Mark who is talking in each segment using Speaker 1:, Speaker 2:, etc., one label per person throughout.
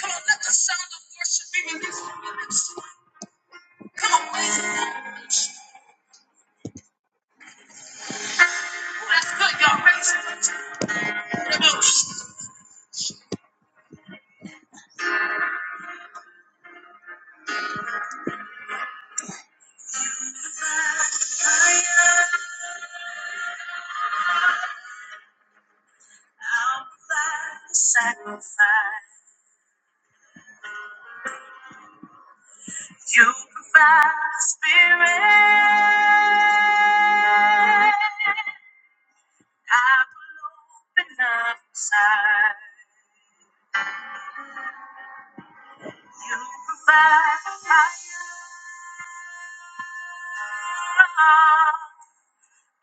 Speaker 1: Come on, let the sound of worship be released from your lips. Come on, raise it. Oh, that's good. Y'all raise it. Come on. Sacrifice. You provide the spirit. I will open up inside. You provide the fire.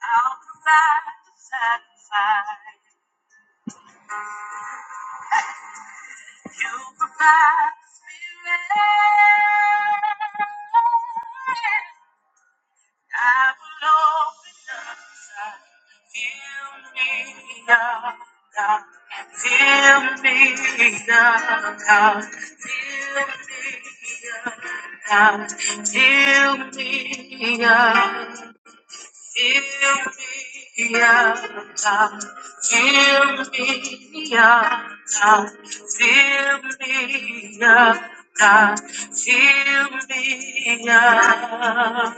Speaker 1: I'll provide the sacrifice. You provide the spirit. I will open up inside. Fill me up, God. Fill me up, God. Fill me up, God. Fill me up. Fill me up, God. Fill me up, God. Fill me up, God. Fill me up.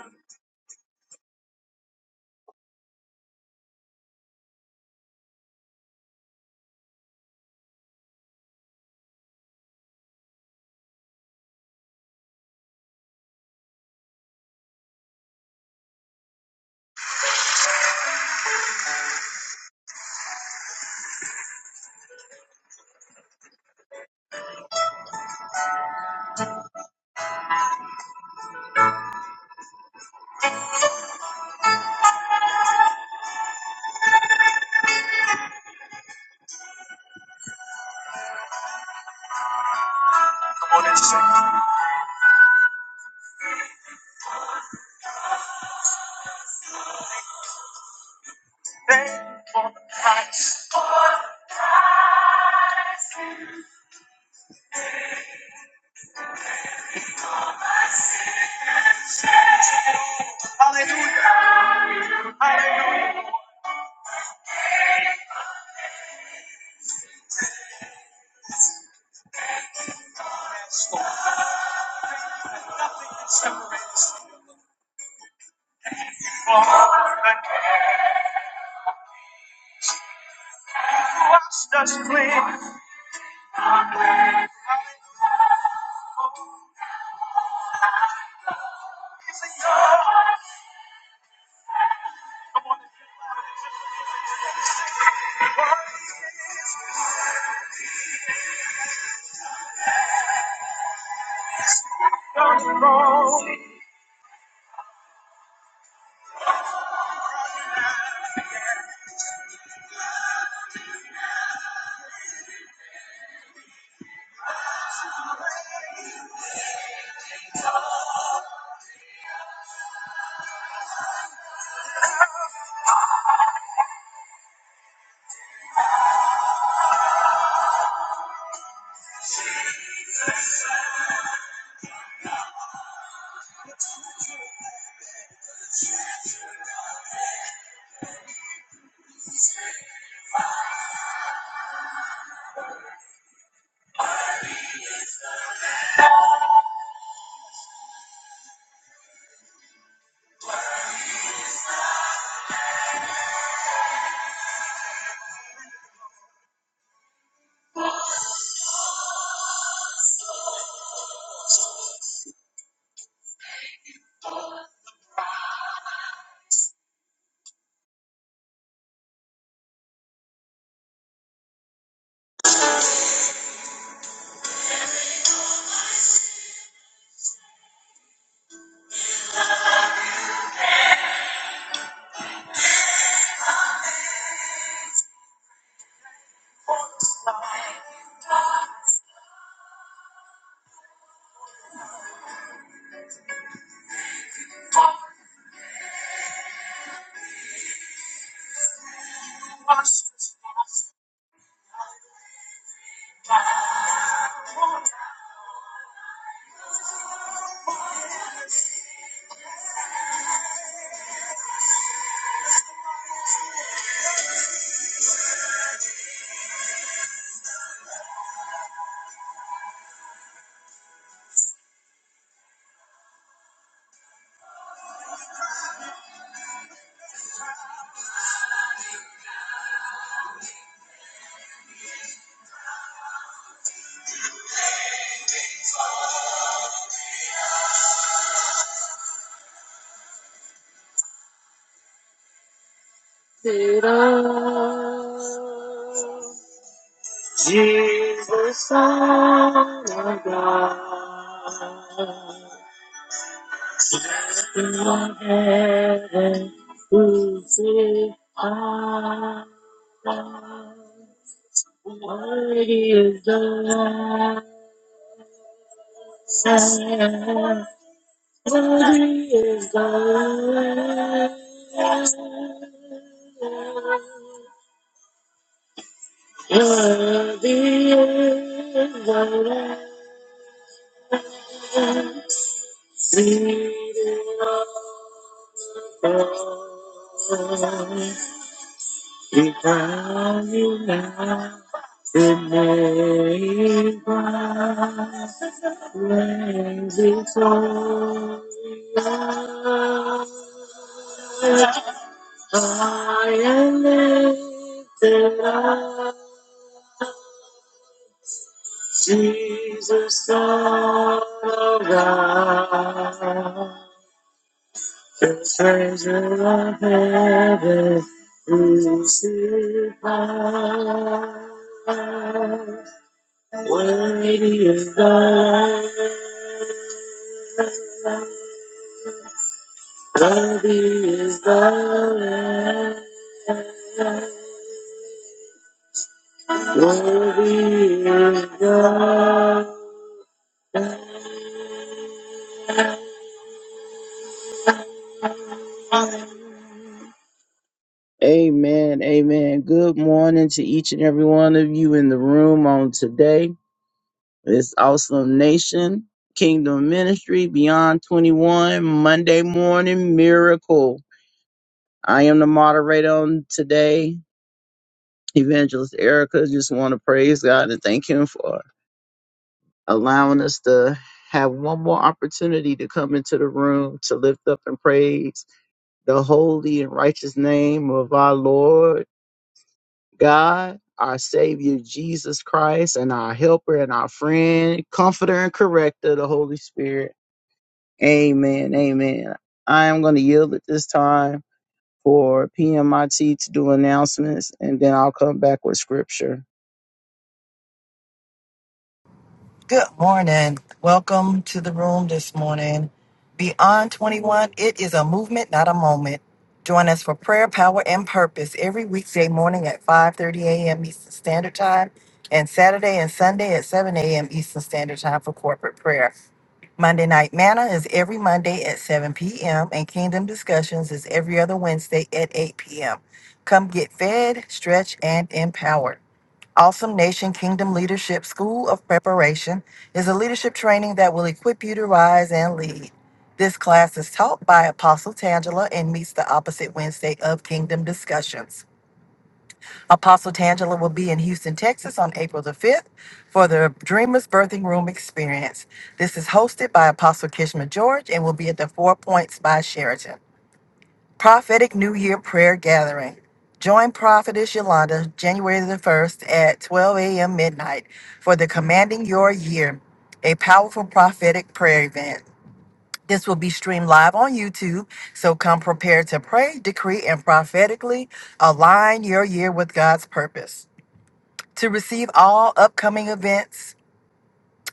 Speaker 1: It all, Jesus, Son of God. In the heaven, who sit high, worthy is the Lamb. Worthy is the Lamb. Worthy is the Lamb. Seated above. We crown you now. The name Christ reigns victorious. I am lifted up, Jesus, all around. The treasure of heaven is here found. Worthy is the Lamb. Worthy is the Lamb. Worthy is the Lamb. Amen. Amen. Good morning to each and every one of you in the room on today. This Awesome Nation, Kingdom Ministry, Beyond 21, Monday Morning Miracle. I am the moderator on today, Evangelist Erica. Just want to praise God and thank Him for allowing us to have one more opportunity to come into the room to lift up and praise the holy and righteous name of our Lord God, our Savior Jesus Christ, and our helper and our friend, comforter and corrector, the Holy Spirit. Amen. Amen. I am going to yield at this time for PMIT to do announcements, and then I'll come back with scripture.
Speaker 2: Good morning. Welcome to the room this morning. Beyond 21, it is a movement, not a moment. Join us for prayer, power, and purpose every weekday morning at 5:30 a.m. Eastern Standard Time and Saturday and Sunday at 7 a.m. Eastern Standard Time for corporate prayer. Monday Night Manna is every Monday at 7 p.m. and Kingdom Discussions is every other Wednesday at 8 p.m. Come get fed, stretched, and empowered. Awesome Nation Kingdom Leadership School of Preparation is a leadership training that will equip you to rise and lead. This class is taught by Apostle Tangela and meets the opposite Wednesday of Kingdom Discussions. Apostle Tangela will be in Houston, Texas on April the 5th for the Dreamers Birthing Room Experience. This is hosted by Apostle Kishma George and will be at the Four Points by Sheraton. Prophetic New Year Prayer Gathering. Join Prophetess Yolanda January the 1st at 12 a.m. midnight for the Commanding Your Year, a powerful prophetic prayer event. This will be streamed live on YouTube, so come prepared to pray, decree, and prophetically align your year with God's purpose. To receive all upcoming events,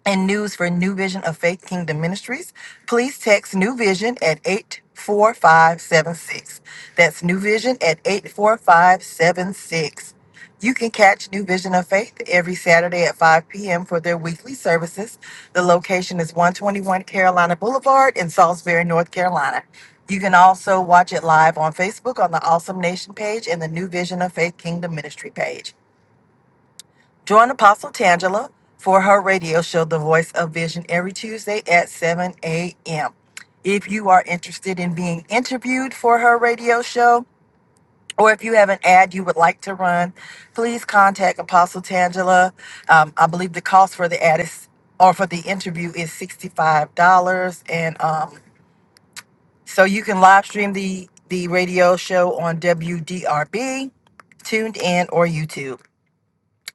Speaker 2: and news for New Vision of Faith Kingdom Ministries, please text New Vision at 84576. That's New Vision at 84576. You can catch New Vision of Faith every Saturday at 5 p.m. for their weekly services. The location is 121 Carolina Boulevard in Salisbury, North Carolina. You can also watch it live on Facebook on the Awesome Nation page and the New Vision of Faith Kingdom Ministry page. Join Apostle Tangela for her radio show, The Voice of Vision, every Tuesday at 7 a.m. If you are interested in being interviewed for her radio show, or if you have an ad you would like to run, please contact Apostle Tangela. Um, I believe the cost for the ad is, or for the interview is $65. And um, so you can live stream the, the radio show on WDRB, Tuned In, or YouTube.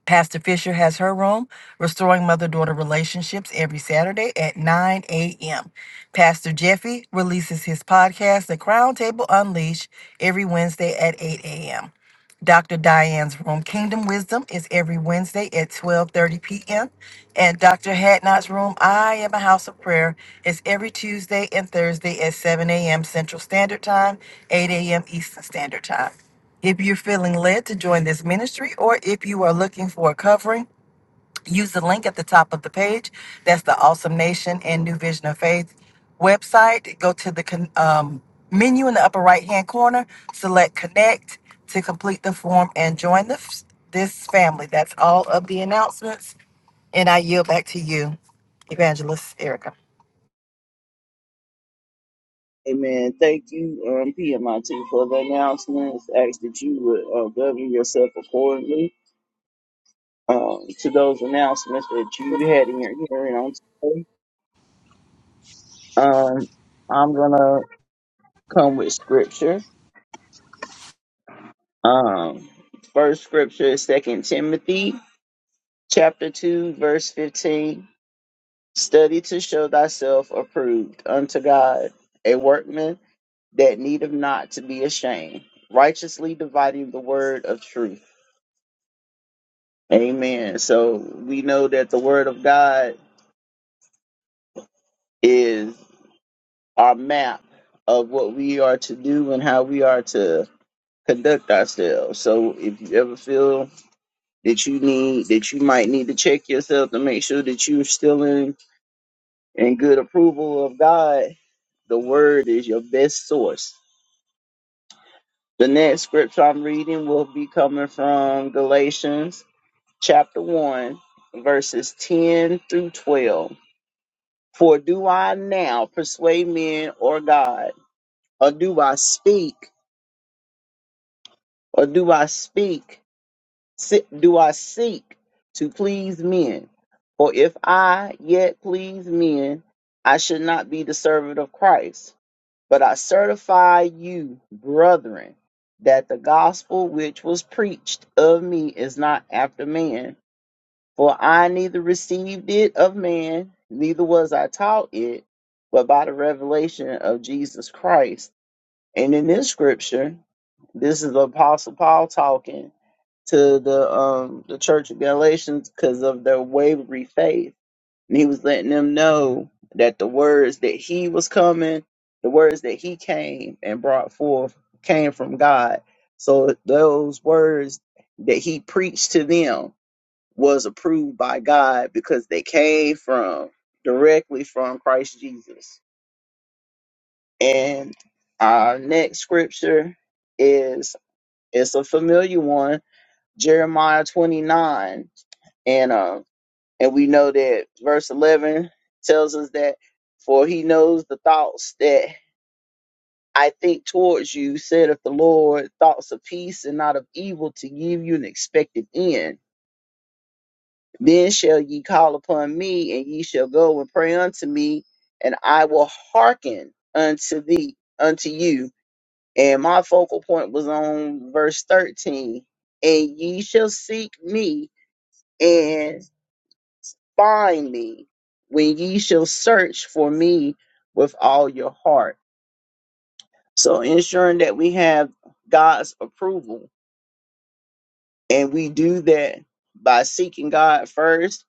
Speaker 2: Pastor Fisher has her room, Restoring Mother Daughter Relationships, every Saturday at 9 a.m. Pastor Jeffy releases his podcast, The Crown Table Unleashed, every Wednesday at 8 a.m. Dr. Diane's room, Kingdom Wisdom, is every Wednesday at 12:30 p.m. And Dr. Hadnot's room, I Am a House of Prayer, is every Tuesday and Thursday at 7 a.m. Central Standard Time, 8 a.m. Eastern Standard Time. If you're feeling led to join this ministry or if you are looking for a covering, use the link at the top of the page. That's the Awesome Nation and New Vision of Faith website. Go to the con- um, menu in the upper right hand corner, select Connect to complete the form and join the f- this family. That's all of the announcements. And I yield back to you, Evangelist Erica.
Speaker 1: Amen. Thank you, um, PMIT, for the announcements. Ask that you would uh, govern yourself accordingly um, to those announcements that you had in your hearing on today. Um, I'm going to come with scripture. Um, first scripture is Second Timothy chapter two, verse fifteen. Study to show thyself approved unto God, a workman that needeth not to be ashamed, righteously dividing the word of truth. Amen. So we know that the word of God is our map of what we are to do and how we are to conduct ourselves. So if you ever feel that you need that you might need to check yourself to make sure that you're still in in good approval of God. The word is your best source. The next scripture I'm reading will be coming from Galatians chapter 1 verses 10 through 12. For do I now persuade men or God, or do I speak, or do I speak Se- Do I seek to please men? For if I yet please men, I should not be the servant of Christ. But I certify you, brethren, that the gospel which was preached of me is not after man. For I neither received it of man, neither was I taught it, but by the revelation of Jesus Christ. And in this scripture, this is the Apostle Paul talking to the um the church of Galatians because of their wavery faith. And he was letting them know that the words that he was coming, the words that he came and brought forth came from God. So those words that he preached to them was approved by God because they came from directly from Christ Jesus. And our next scripture is it's a familiar one, Jeremiah 29 and um and we know that verse 11 tells us that for he knows the thoughts that i think towards you said of the lord thoughts of peace and not of evil to give you an expected end then shall ye call upon me and ye shall go and pray unto me and i will hearken unto thee unto you and my focal point was on verse 13 and ye shall seek me and. find me when ye shall search for me with all your heart. So ensuring that we have God's approval. And we do that by seeking God first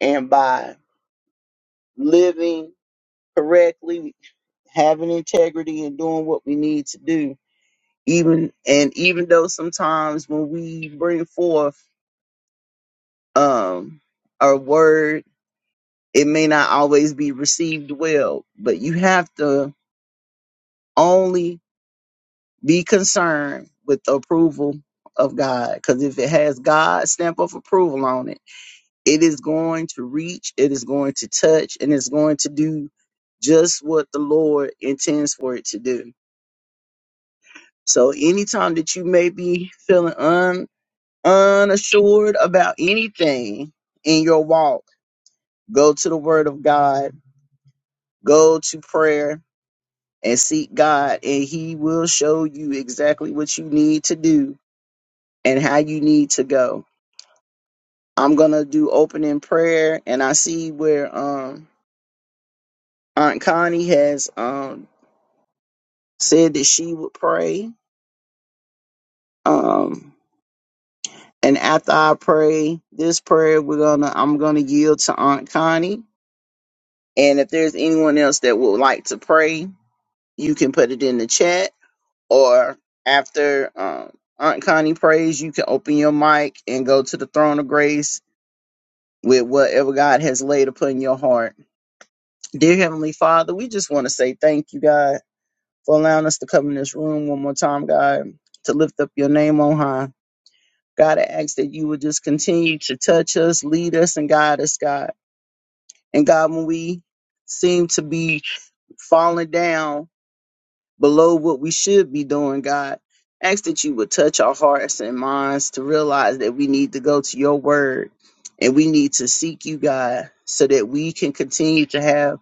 Speaker 1: and by living correctly, having integrity and doing what we need to do. Even and even though sometimes when we bring forth um our word, it may not always be received well, but you have to only Be concerned with the approval of God because if it has God's stamp of approval on it, it is going to reach, it is going to touch, and it's going to do just what the Lord intends for it to do. So anytime that you may be feeling un unassured about anything in your walk, go to the word of God, go to prayer and seek God and he will show you exactly what you need to do and how you need to go I'm gonna do opening prayer, and I see where um Aunt Connie has um said that she would pray. Um, and after I pray this prayer, we're gonna I'm gonna yield to Aunt Connie. And if there's anyone else that would like to pray, you can put it in the chat, or after um, Aunt Connie prays, you can open your mic and go to the throne of grace with whatever God has laid upon your heart. Dear Heavenly Father, we just want to say thank you, God. for allowing us to come in this room one more time, God, to lift up your name on high. God, I ask that you would just continue to touch us, lead us, and guide us, God. And God, when we seem to be falling down below what we should be doing, God, ask that you would touch our hearts and minds to realize that we need to go to your word and we need to seek you, God, so that we can continue to have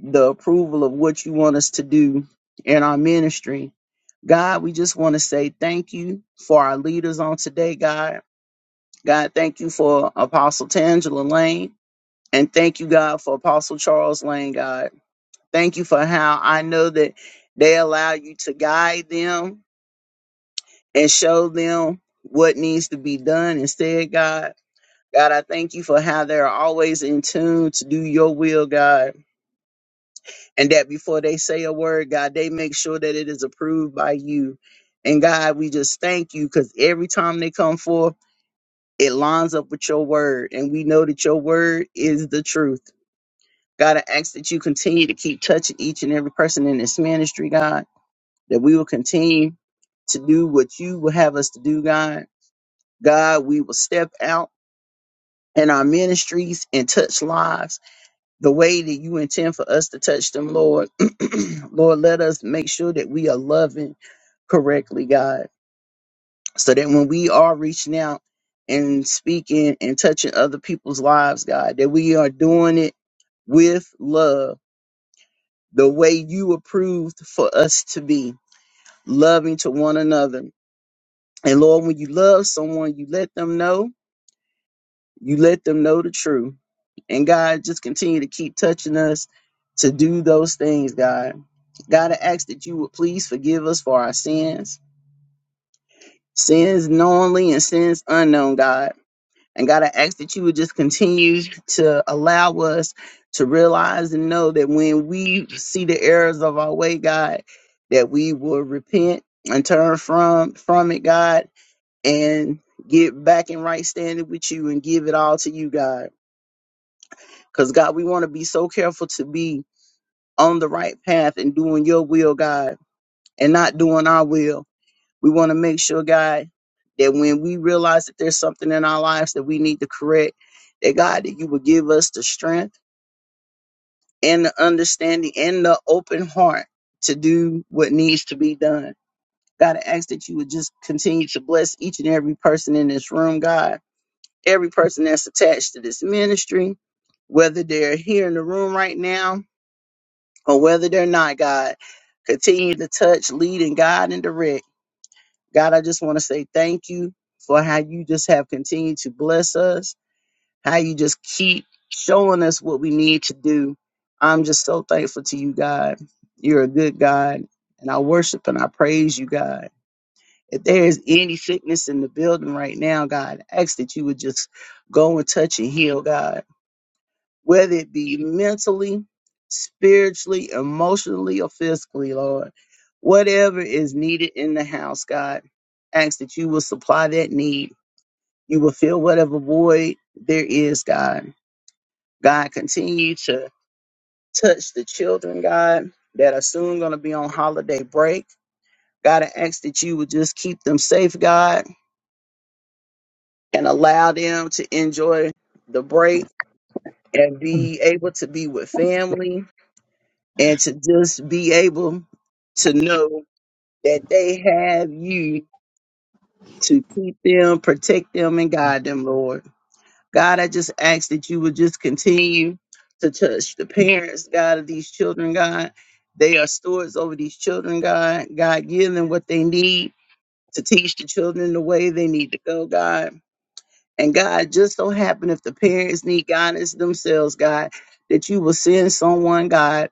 Speaker 1: the approval of what you want us to do in our ministry God, we just want to say thank you for our leaders on today, God. God, thank you for Apostle Tangela Lane. And thank you, God, for Apostle Charles Lane, God. Thank you for how I know that they allow you to guide them and show them what needs to be done instead, God. God, I thank you for how they're always in tune to do your will, God. and that before they say a word, God, they make sure that it is approved by you. And God, we just thank you because every time they come forth, it lines up with your word. And we know that your word is the truth. God, I ask that you continue to keep touching each and every person in this ministry, God, that we will continue to do what you will have us to do, God. God, we will step out in our ministries and touch lives. the way that you intend for us to touch them, Lord. Lord, let us make sure that we are loving correctly, God, so that when we are reaching out and speaking and touching other people's lives, God, that we are doing it with love, the way you approved for us to be, loving to one another. And Lord, when you love someone, you let them know You let them know the truth. And God, just continue to keep touching us to do those things, God. God, I ask that you would please forgive us for our sins, sins knowingly and sins unknown, God. And God, I ask that you would just continue to allow us to realize and know that when we see the errors of our way, God, that we will repent and turn from from it, God, and get back in right standing with you and give it all to you, God. Because, God, we want to be so careful to be on the right path and doing your will, God, and not doing our will. We want to make sure, God, that when we realize that there's something in our lives that we need to correct, that, God, that you would give us the strength and the understanding and the open heart to do what needs to be done. God, I ask that you would just continue to bless each and every person in this room, God, every person that's attached to this ministry, whether they're here in the room right now or whether they're not, God, continue to touch, lead, and guide and direct. God, I just want to say thank you for how you just have continued to bless us, how you just keep showing us what we need to do. I'm just so thankful to you, God. You're a good God, and I worship and I praise you, God. If there is any sickness in the building right now, God, I ask that you would just go and touch and heal, God whether it be mentally, spiritually, emotionally, or physically, Lord. Whatever is needed in the house, God, ask that you will supply that need. You will fill whatever void there is, God. God, continue to touch the children, God, that are soon going to be on holiday break. God, I ask that you would just keep them safe, God, and allow them to enjoy the break and be able to be with family and to just be able to know that they have you to keep them, protect them, and
Speaker 3: Mm.
Speaker 1: guide them, Lord. God, I just ask that you would just continue to touch the parents, God, of these children, God. They are stewards over these children, God. God, give them what they need to teach the children the way they need to go, God. And God, just so happen if the parents need guidance themselves, God, that you will send someone, God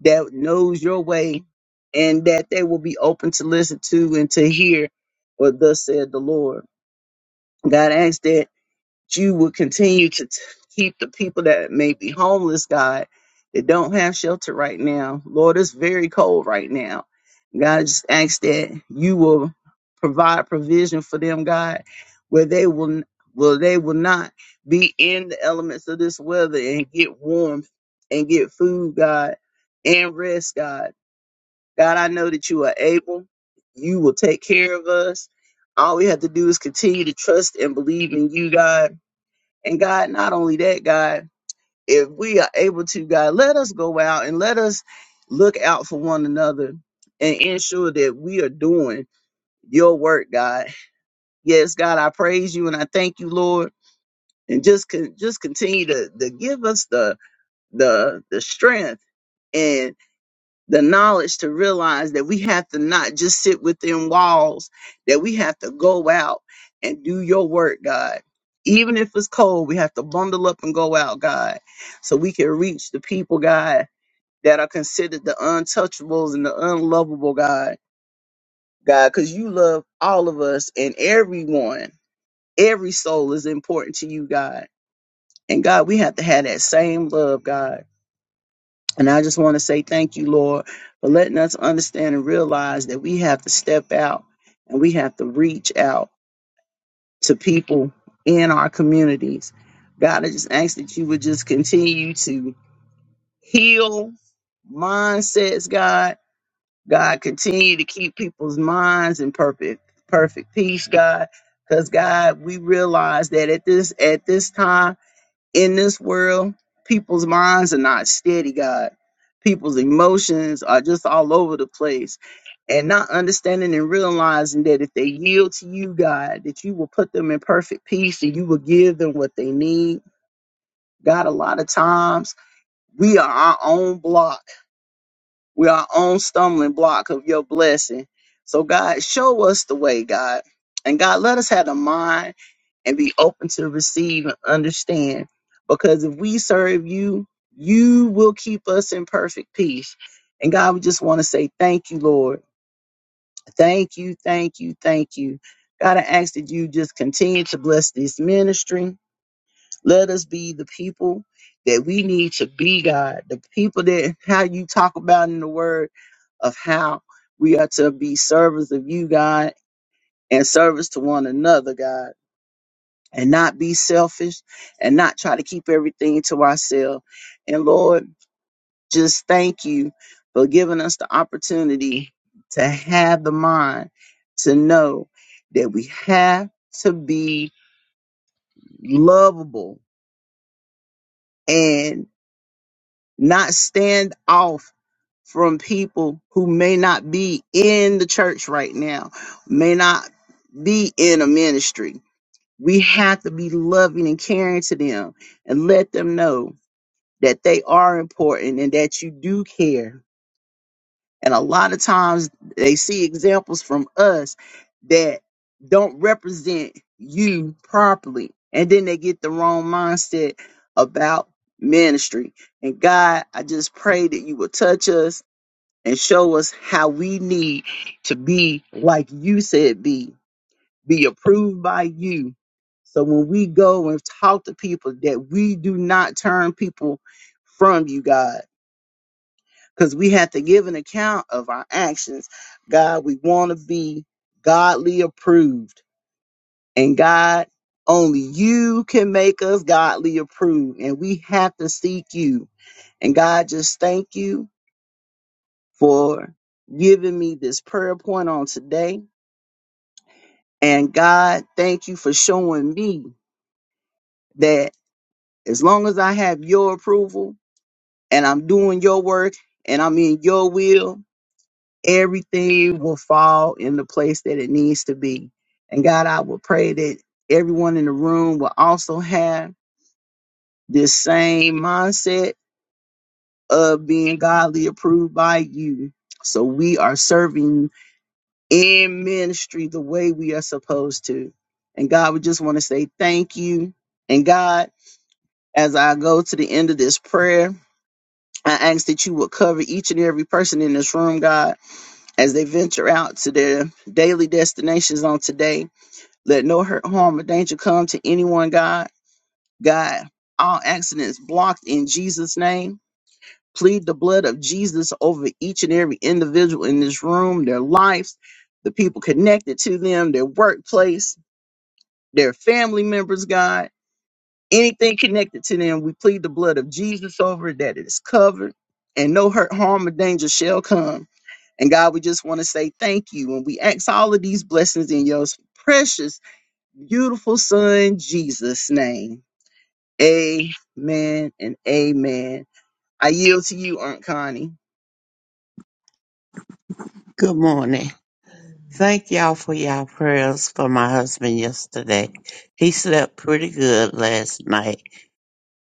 Speaker 1: that knows your way and that they will be open to listen to and to hear what thus said the Lord. God asks that you will continue to t- keep the people that may be homeless, God, that don't have shelter right now. Lord, it's very cold right now. God I just asks that you will provide provision for them, God, where they will n- will they will not be in the elements of this weather and get warm and get food, God, and rest, God. God, I know that you are able. You will take care of us. All we have to do is continue to trust and believe in you, God. And God, not only that, God, if we are able to, God, let us go out and let us look out for one another and ensure that we are doing your work, God. Yes, God, I praise you and I thank you, Lord. And just con- just continue to, to give us the the the strength the knowledge to realize that we have to not just sit within walls, that we have to go out and do your work, God. Even if it's cold, we have to bundle up and go out, God, so we can reach the people, God, that are considered the untouchables and the unlovable, God. God, because you love all of us and everyone. Every soul is important to you, God. And God, we have to have that same love, God. And I just want to say thank you, Lord, for letting us understand and realize that we have to step out and we have to reach out to people in our communities. God, I just ask that you would just continue to heal mindsets, God. God, continue to keep people's minds in perfect, perfect peace, God. Because God, we realize that at this at this time in this world, people's minds are not steady, God. People's emotions are just all over the place. And not understanding and realizing that if they yield to you, God, that you will put them in perfect peace and you will give them what they need. God, a lot of times we are our own block we're our own stumbling block of your blessing. So, God, show us the way, God. And God, let us have the mind and be open to receive and understand. Because if we serve you, you will keep us in perfect peace. And God, we just want to say thank you, Lord. Thank you, thank you, thank you. God, I ask that you just continue to bless this ministry let us be the people that we need to be, God. The people that how you talk about in the word of how we are to be servers of you, God, and service to one another, God, and not be selfish and not try to keep everything to ourselves. And Lord, just thank you for giving us the opportunity to have the mind to know that we have to be lovable and. not stand off from people who may not be in the church right now, may not be in a ministry. We have to be loving and caring to them and let them know that they are important and that you do care and a lot of times they see examples from us that don't represent you properly. And then they get the wrong mindset about ministry. And God, I just pray that you will touch us and show us how we need to be like you said be, be approved by you. So when we go and talk to people that we do not turn people from you, God because we have to give an account of our actions. God, we want to be godly approved. And God, only you can make us godly approved. And we have to seek you. And God, just thank you for giving me this prayer point on today. And God, thank you for showing me that as long as I have your approval and I'm doing your work and I'm in your will, everything will fall in the place that it needs to be. And God, I will pray that everyone in the room will also have this same mindset of being godly approved by you. So we are serving in ministry the way we are supposed to. And God, we just want to say thank you. And God, as I go to the end of this prayer, I ask that you will cover each and every person in this room, God. As they venture out to their daily destinations on today, let no hurt, harm, or danger come to anyone, God. God, all accidents blocked in Jesus' name. Plead the blood of Jesus over each and every individual in this room, their lives, the people connected to them, their workplace, their family members, God. Anything connected to them, we plead the blood of Jesus over it, that it is covered, and no hurt, harm, or danger shall come. And God, we just want to say thank you. And we ask all of these blessings in your precious, beautiful son, Jesus' name. Amen and amen. I yield to you, Aunt Connie.
Speaker 3: Good morning. Thank y'all for y'all prayers for my husband yesterday. He slept pretty good last night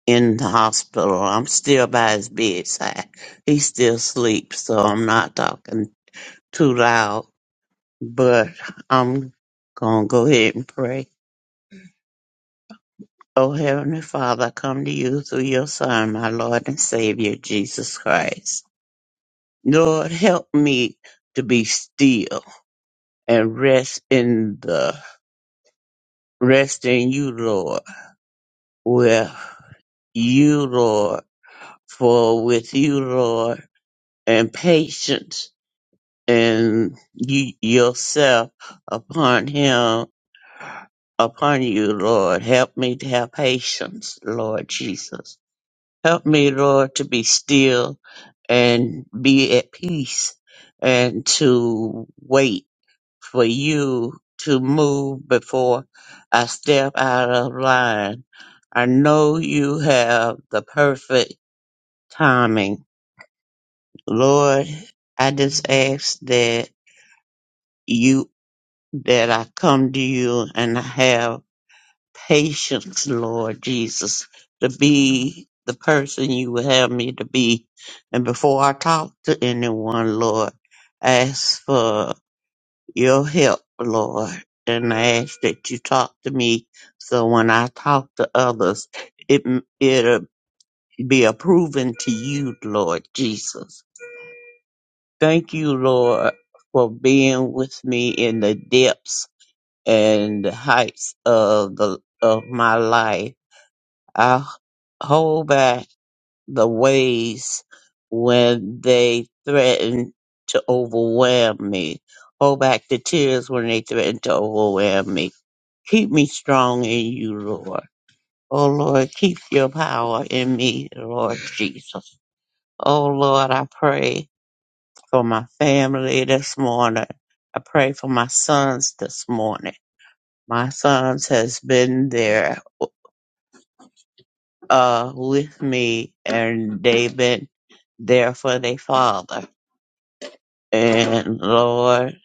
Speaker 3: in the hospital. I'm still by his bedside. He still sleeps, so I'm not talking too loud. but I'm going to go ahead and pray. Oh, Heavenly Father, I come to you through your Son, my Lord and Savior, Jesus Christ. Lord, help me to be still and rest in the rest in you, Lord, with you, Lord, for with you, Lord, and patience and you yourself upon him upon you, Lord. Help me to have patience, Lord Jesus Help me, Lord, to be still and be at peace and to wait for you to move before I step out of line. I know you have the perfect timing. Lord, I just ask that you that I come to you and I have patience, Lord Jesus, to be the person you would have me to be. And before I talk to anyone, Lord, I ask for your help, Lord. And I ask that you talk to me so when I talk to others, it, it'll be approving to you, Lord Jesus. Thank you, Lord, for being with me in the depths and the heights of the of my life I hold back the ways when they threaten to overwhelm me. Hold back the tears when they threaten to overwhelm me. Keep me strong in you, Lord. Oh Lord, keep your power in me, Lord Jesus. Oh Lord, I pray for my family this morning. I pray for my sons this morning. My sons has been there uh with me and David there for their father. And Lord,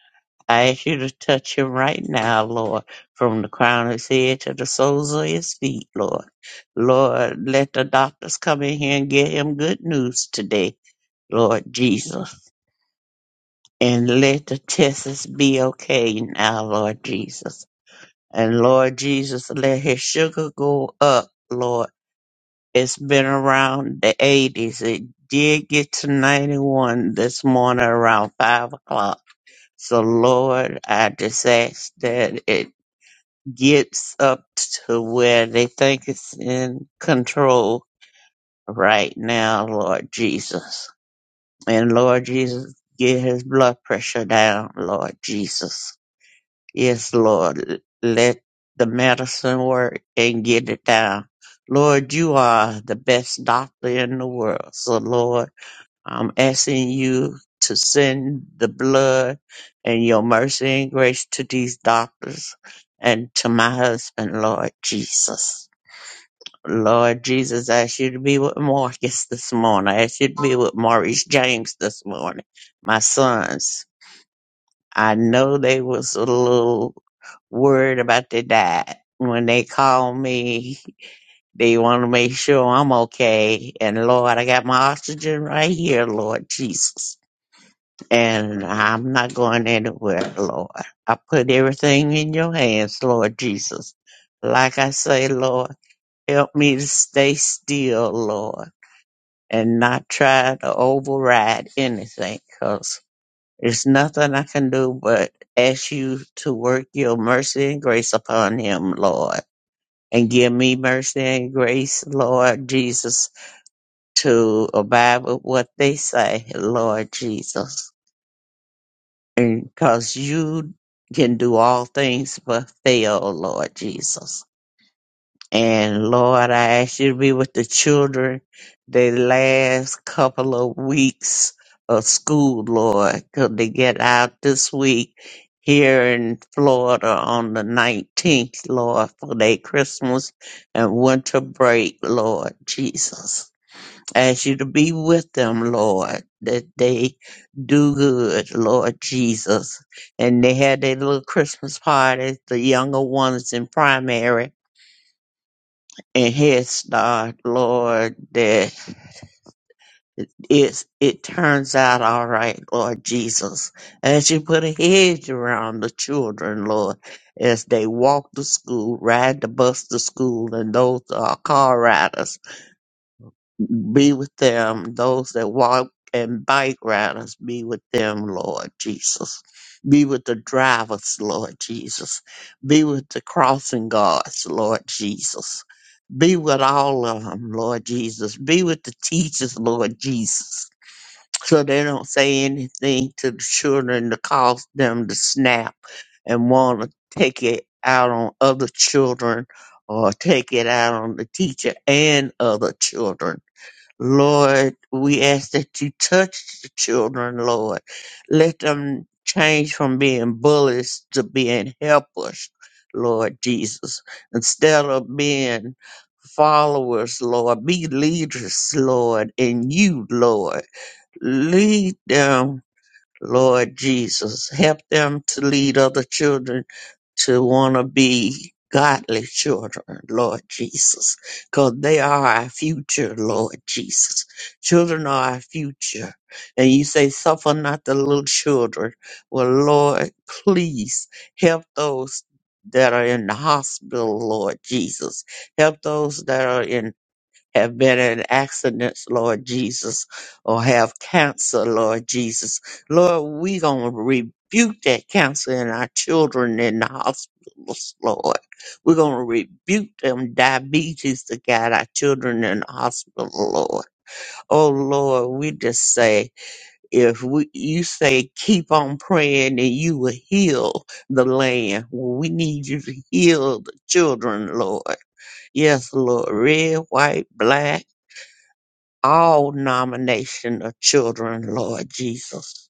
Speaker 3: I ask you to touch him right now, Lord, from the crown of his head to the soles of his feet, Lord. Lord, let the doctors come in here and get him good news today, Lord Jesus. And let the tests be okay now, Lord Jesus. And Lord Jesus, let his sugar go up, Lord It's been around the 80s. It did get to 91 this morning around 5 o'clock. So, Lord, I just ask that it gets up to where they think it's in control right now, Lord Jesus. And, Lord Jesus, get his blood pressure down, Lord Jesus. Yes, Lord. Let the medicine work and get it down. Lord, you are the best doctor in the world. So, Lord, I'm asking you to send the blood and your mercy and grace to these doctors and to my husband, Lord Jesus. Lord Jesus, I ask you to be with Marcus this morning. I ask you to be with Maurice James this morning, my sons. I know they was a little worried about their dad. When they call me, they want to make sure I'm okay. And Lord, I got my oxygen right here, Lord Jesus. And I'm not going anywhere, Lord. I put everything in your hands, Lord Jesus. Like I say, Lord, help me to stay still, Lord, and not try to override anything, 'cause there's nothing I can do but ask you to work your mercy and grace upon him, Lord. And give me mercy and grace, Lord Jesus, to abide with what they say, Lord Jesus. And because you can do all things but fail, Lord Jesus. And Lord, I ask you to be with the children the last couple of weeks of school, Lord, till they get out this week here in Florida on the 19th, Lord, for their Christmas and winter break, Lord Jesus. Ask you to be with them, Lord, that they do good, Lord Jesus. And they had their little Christmas parties, the younger ones in primary and Head Start, Lord, that it's, it turns out all right, Lord Jesus, as you put a hedge around the children, Lord, as they walk to school, ride the bus to school, and those are car riders. Be with them, those that walk and bike riders, be with them, Lord Jesus. Be with the drivers, Lord Jesus. Be with the crossing guards, Lord Jesus. Be with all of them, Lord Jesus. Be with the teachers, Lord Jesus. So they don't say anything to the children to cause them to snap and want to take it out on other children or take it out on the teacher and other children. Lord, we ask that you touch the children, Lord. Let them change from being bullies to being helpers, Lord Jesus. Instead of being followers, Lord, be leaders, Lord, and you, Lord. Lead them Lord Jesus, help them to lead other children to want to be godly children, Lord Jesus, because they are our future, Lord Jesus. Children are our future. And you say, suffer not the little children. Well, Lord, please help those that are in the hospital, Lord Jesus. Help those that are in have been in accidents, Lord Jesus, or have cancer, Lord Jesus. Lord, we gonna rebuke that cancer in our children in the hospitals, Lord. We're gonna rebuke them diabetes that got our children in the hospital, Lord. Oh Lord, we just say if we you say keep on praying and you will heal the land. Well, we need you to heal the children, Lord. Yes, Lord, red, white, black all nomination of children, Lord Jesus,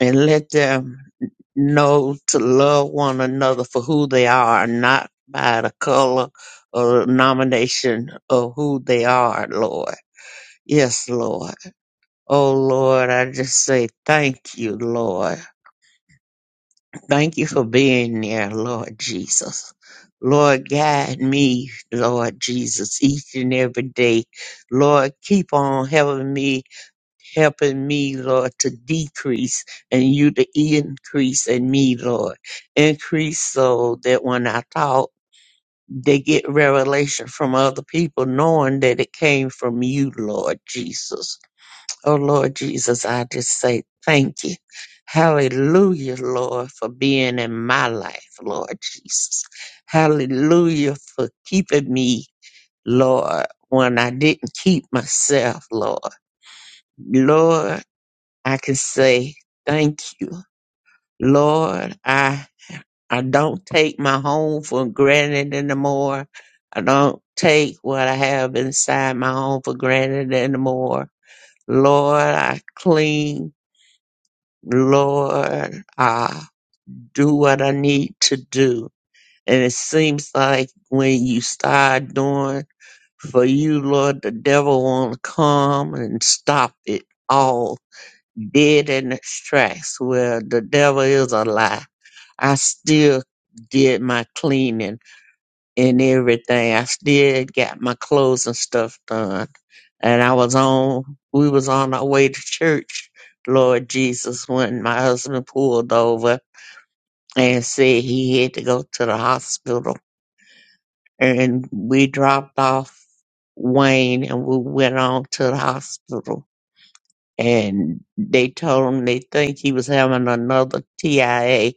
Speaker 3: and let them know to love one another for who they are, not by the color or nomination of who they are, Lord. Yes, Lord. Oh, Lord, I just say thank you, Lord. Thank you for being there, Lord Jesus. Lord, guide me, Lord Jesus, each and every day. Lord, keep on helping me helping me, Lord, to decrease and you to increase in me, Lord. Increase so that when I talk, they get revelation from other people, knowing that it came from you, Lord Jesus. Oh, Lord Jesus, I just say thank you. Hallelujah, Lord, for being in my life, Lord Jesus. Hallelujah for keeping me, Lord, when I didn't keep myself, Lord. Lord, I can say, Thank you, Lord. I I don't take my home for granted anymore. I don't take what I have inside my home for granted anymore. Lord, I clean. Lord, I do what I need to do. And it seems like when you start doing for you, Lord, the devil won't come and stop it all dead in its tracks. Well, the devil is a lie. I still did my cleaning and everything. I still got my clothes and stuff done. And I was on we was on our way to church, Lord Jesus, when my husband pulled over and said he had to go to the hospital. And we dropped off Wayne and we went on to the hospital and they told him they think he was having another TIA,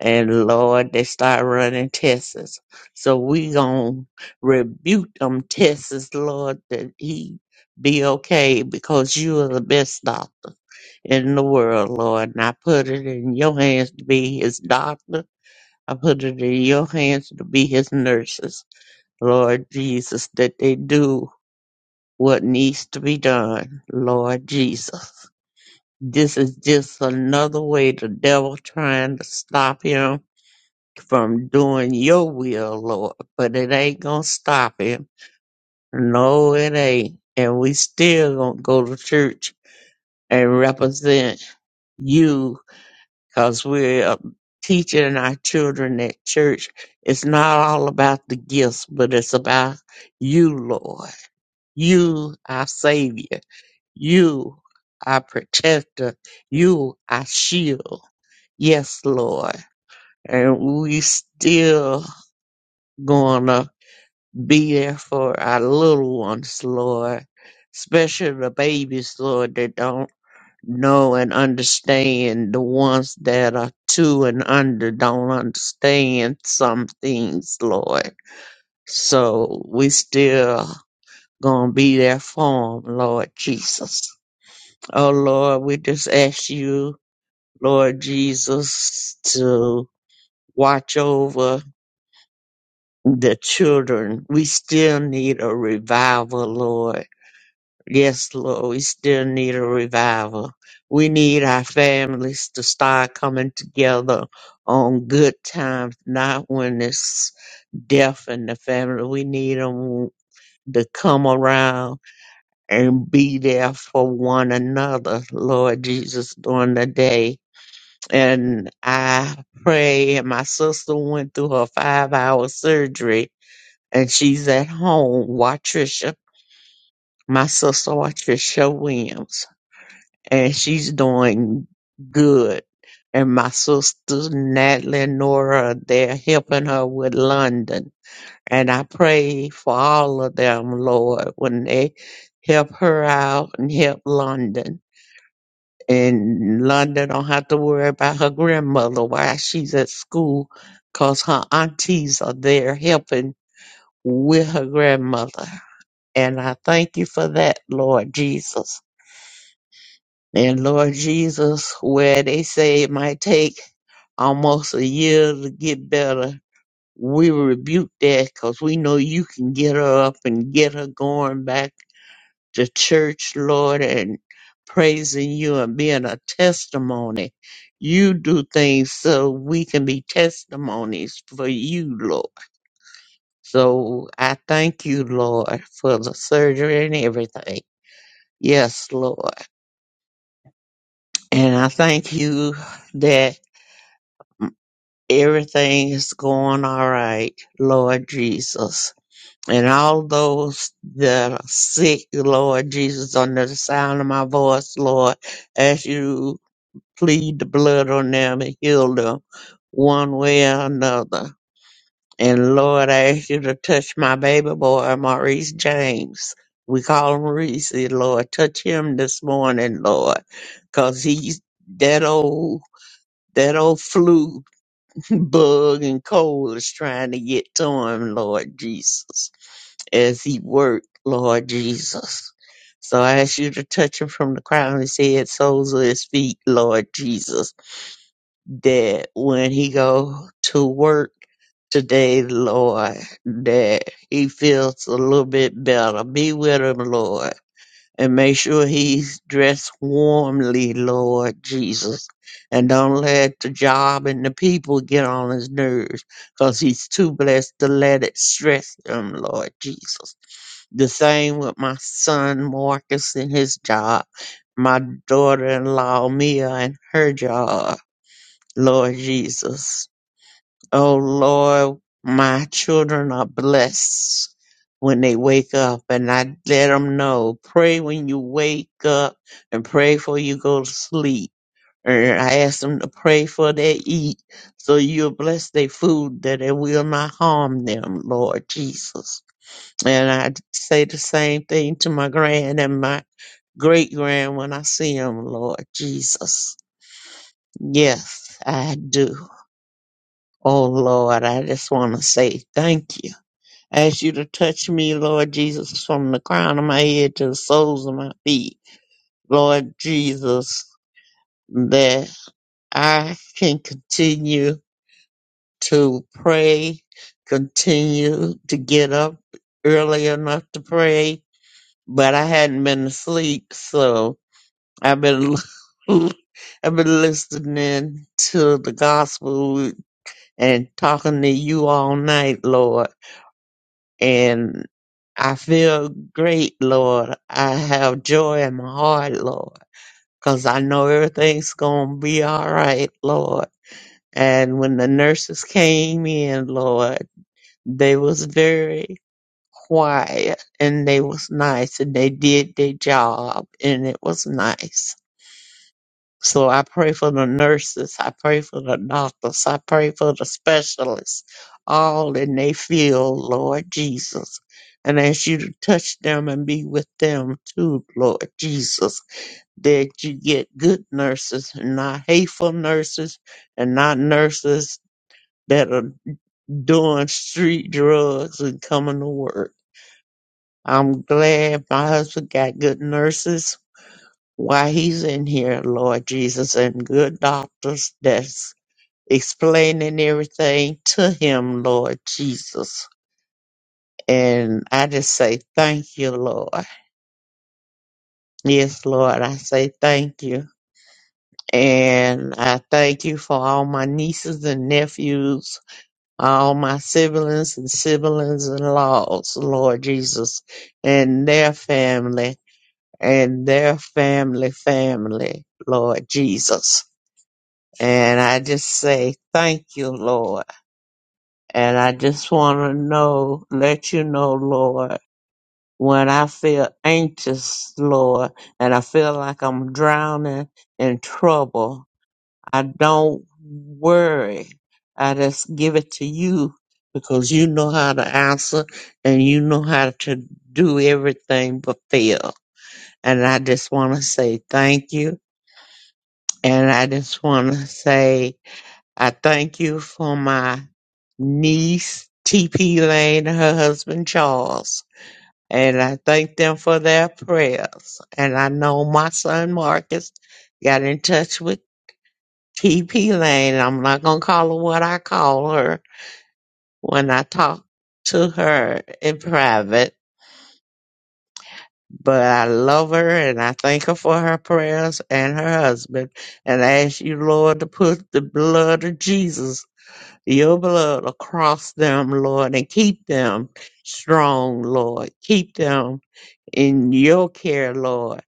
Speaker 3: and Lord, they start running tests. So we gonna rebuke them tests, Lord, that he be okay because you are the best doctor in the world, Lord. And I put it in your hands to be his doctor. I put it in your hands to be his nurses, Lord Jesus, that they do what needs to be done, Lord Jesus. This is just another way the devil trying to stop him from doing your will, Lord. But it ain't gonna stop him. No, it ain't. And we still gonna go to church and represent you because we're teaching our children at church. It's not all about the gifts, but it's about you, Lord. You, our Savior. You, our protector. You, our shield. Yes, Lord. And we still gonna be there for our little ones, Lord. Especially the babies, Lord, that don't know and understand. The ones that are two and under don't understand some things, Lord. So we still gonna be there for them, Lord Jesus. Oh, Lord, we just ask you, Lord Jesus, to watch over the children. We still need a revival, Lord. Yes, Lord, we still need a revival. We need our families to start coming together on good times, not when it's death in the family. We need them to come around and be there for one another, Lord Jesus, during the day. And I pray, and my sister went through her five hour surgery and she's at home. Watrisha, my sister Watrisha Williams, and she's doing good. And my sisters Natalie and Nora, they're helping her with London. And I pray for all of them, Lord, when they help her out and help London. And London don't have to worry about her grandmother while she's at school, 'cause her aunties are there helping with her grandmother And I thank you for that, Lord Jesus. And Lord Jesus, where they say it might take almost a year to get better, we rebuke that because we know you can get her up and get her going back to church, Lord, and praising you and being a testimony. You do things so we can be testimonies for you, Lord. So I thank you, Lord, for the surgery and everything. Yes, Lord. And I thank you that everything is going all right, Lord Jesus. And all those that are sick, Lord Jesus, under the sound of my voice, Lord, as you plead the blood on them and heal them one way or another. And Lord, I ask you to touch my baby boy, Maurice James. We call him Reese, Lord. Touch him this morning, Lord, because he's that old That old flu bug and cold is trying to get to him, Lord Jesus, as he worked, Lord Jesus. So I ask you to touch him from the crown of his head, soles of his feet, Lord Jesus, that when he go to work today, Lord, that he feels a little bit better. Be with him, Lord and make sure he's dressed warmly, Lord Jesus. And don't let the job and the people get on his nerves because he's too blessed to let it stress him, Lord Jesus. The same with my son Marcus and his job, my daughter in law Mia and her job, Lord Jesus. Oh Lord, my children are blessed when they wake up, and I let them know. Pray when you wake up, and pray before you go to sleep. And I ask them to pray for they eat, so you'll bless their food that it will not harm them, Lord Jesus. And I say the same thing to my grand and my great grand when I see them, Lord Jesus. Yes, I do. Oh Lord, I just want to say thank you. ask you to touch me, Lord Jesus, from the crown of my head to the soles of my feet. Lord Jesus, that I can continue to pray, continue to get up early enough to pray, but I hadn't been asleep, so I've been I've been listening to the gospel and talking to you all night, Lord. and I feel great, Lord. I have joy in my heart, Lord, because I know everything's going to be all right, Lord. And when the nurses came in, Lord, they was very quiet and they was nice and they did their job and it was nice. So I pray for the nurses, I pray for the doctors, I pray for the specialists, all in their field, Lord Jesus. And ask you to touch them and be with them too, Lord Jesus. That you get good nurses and not hateful nurses and not nurses that are doing street drugs and coming to work. I'm glad my husband got good nurses why he's in here, Lord Jesus, and good doctors that explaining everything to him, Lord Jesus. And I just say thank you, Lord. Yes, Lord, I say thank you. And I thank you for all my nieces and nephews, all my siblings and siblings in laws, Lord Jesus, and their family and their family family, Lord Jesus. And I just say thank you, Lord. And I just want to know, let you know, Lord, when I feel anxious, Lord, and I feel like I'm drowning in trouble, I don't worry. I just give it to you because you know how to answer and you know how to do everything but fail. And I just want to say thank you. And I just want to say I thank you for my niece, TP Lane, and her husband, Charles. And I thank them for their prayers. And I know my son, Marcus, got in touch with TP Lane. I'm not going to call her what I call her when I talk to her in private. But I love her and I thank her for her prayers and her husband. And I ask you, Lord, to put the blood of Jesus Your blood across them, Lord, and keep them strong, Lord. Keep them in your care, Lord.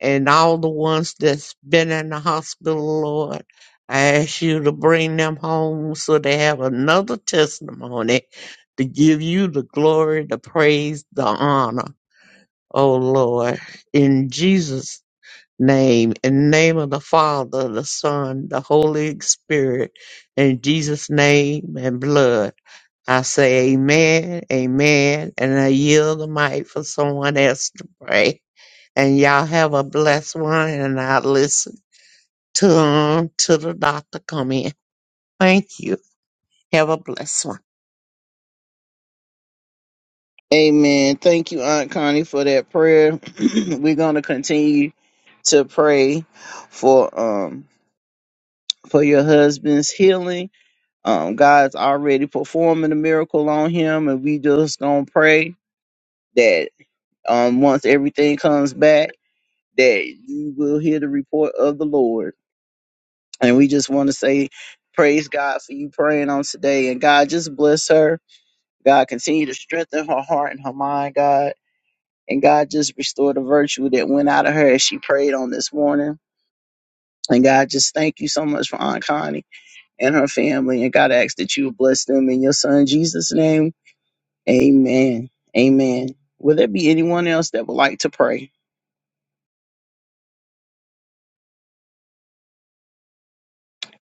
Speaker 3: And all the ones that's been in the hospital, Lord, I ask you to bring them home so they have another testimony to give you the glory, the praise, the honor. Oh Lord, in Jesus' name, in the name of the Father, the Son, the Holy Spirit, in Jesus' name and blood. I say amen, amen, and I yield the mic for someone else to pray. And y'all have a blessed one, and I listen to 'em till the doctor come in. Thank you. Have a blessed one.
Speaker 1: Amen. Thank you, Aunt Connie, for that prayer. We're going to continue to pray for um for your husband's healing. Um, God's already performing a miracle on him, and we just gonna pray that um once everything comes back. that you will hear the report of the Lord. And we just want to say, praise God for you praying on today. And God, just bless her. God, continue to strengthen her heart and her mind, God. And God, just restore the virtue that went out of her as she prayed on this morning. And God, just thank you so much for Aunt Connie and her family. And God, I ask that you would bless them in your son Jesus' name. Amen. Amen. Will there be anyone else that would like to pray?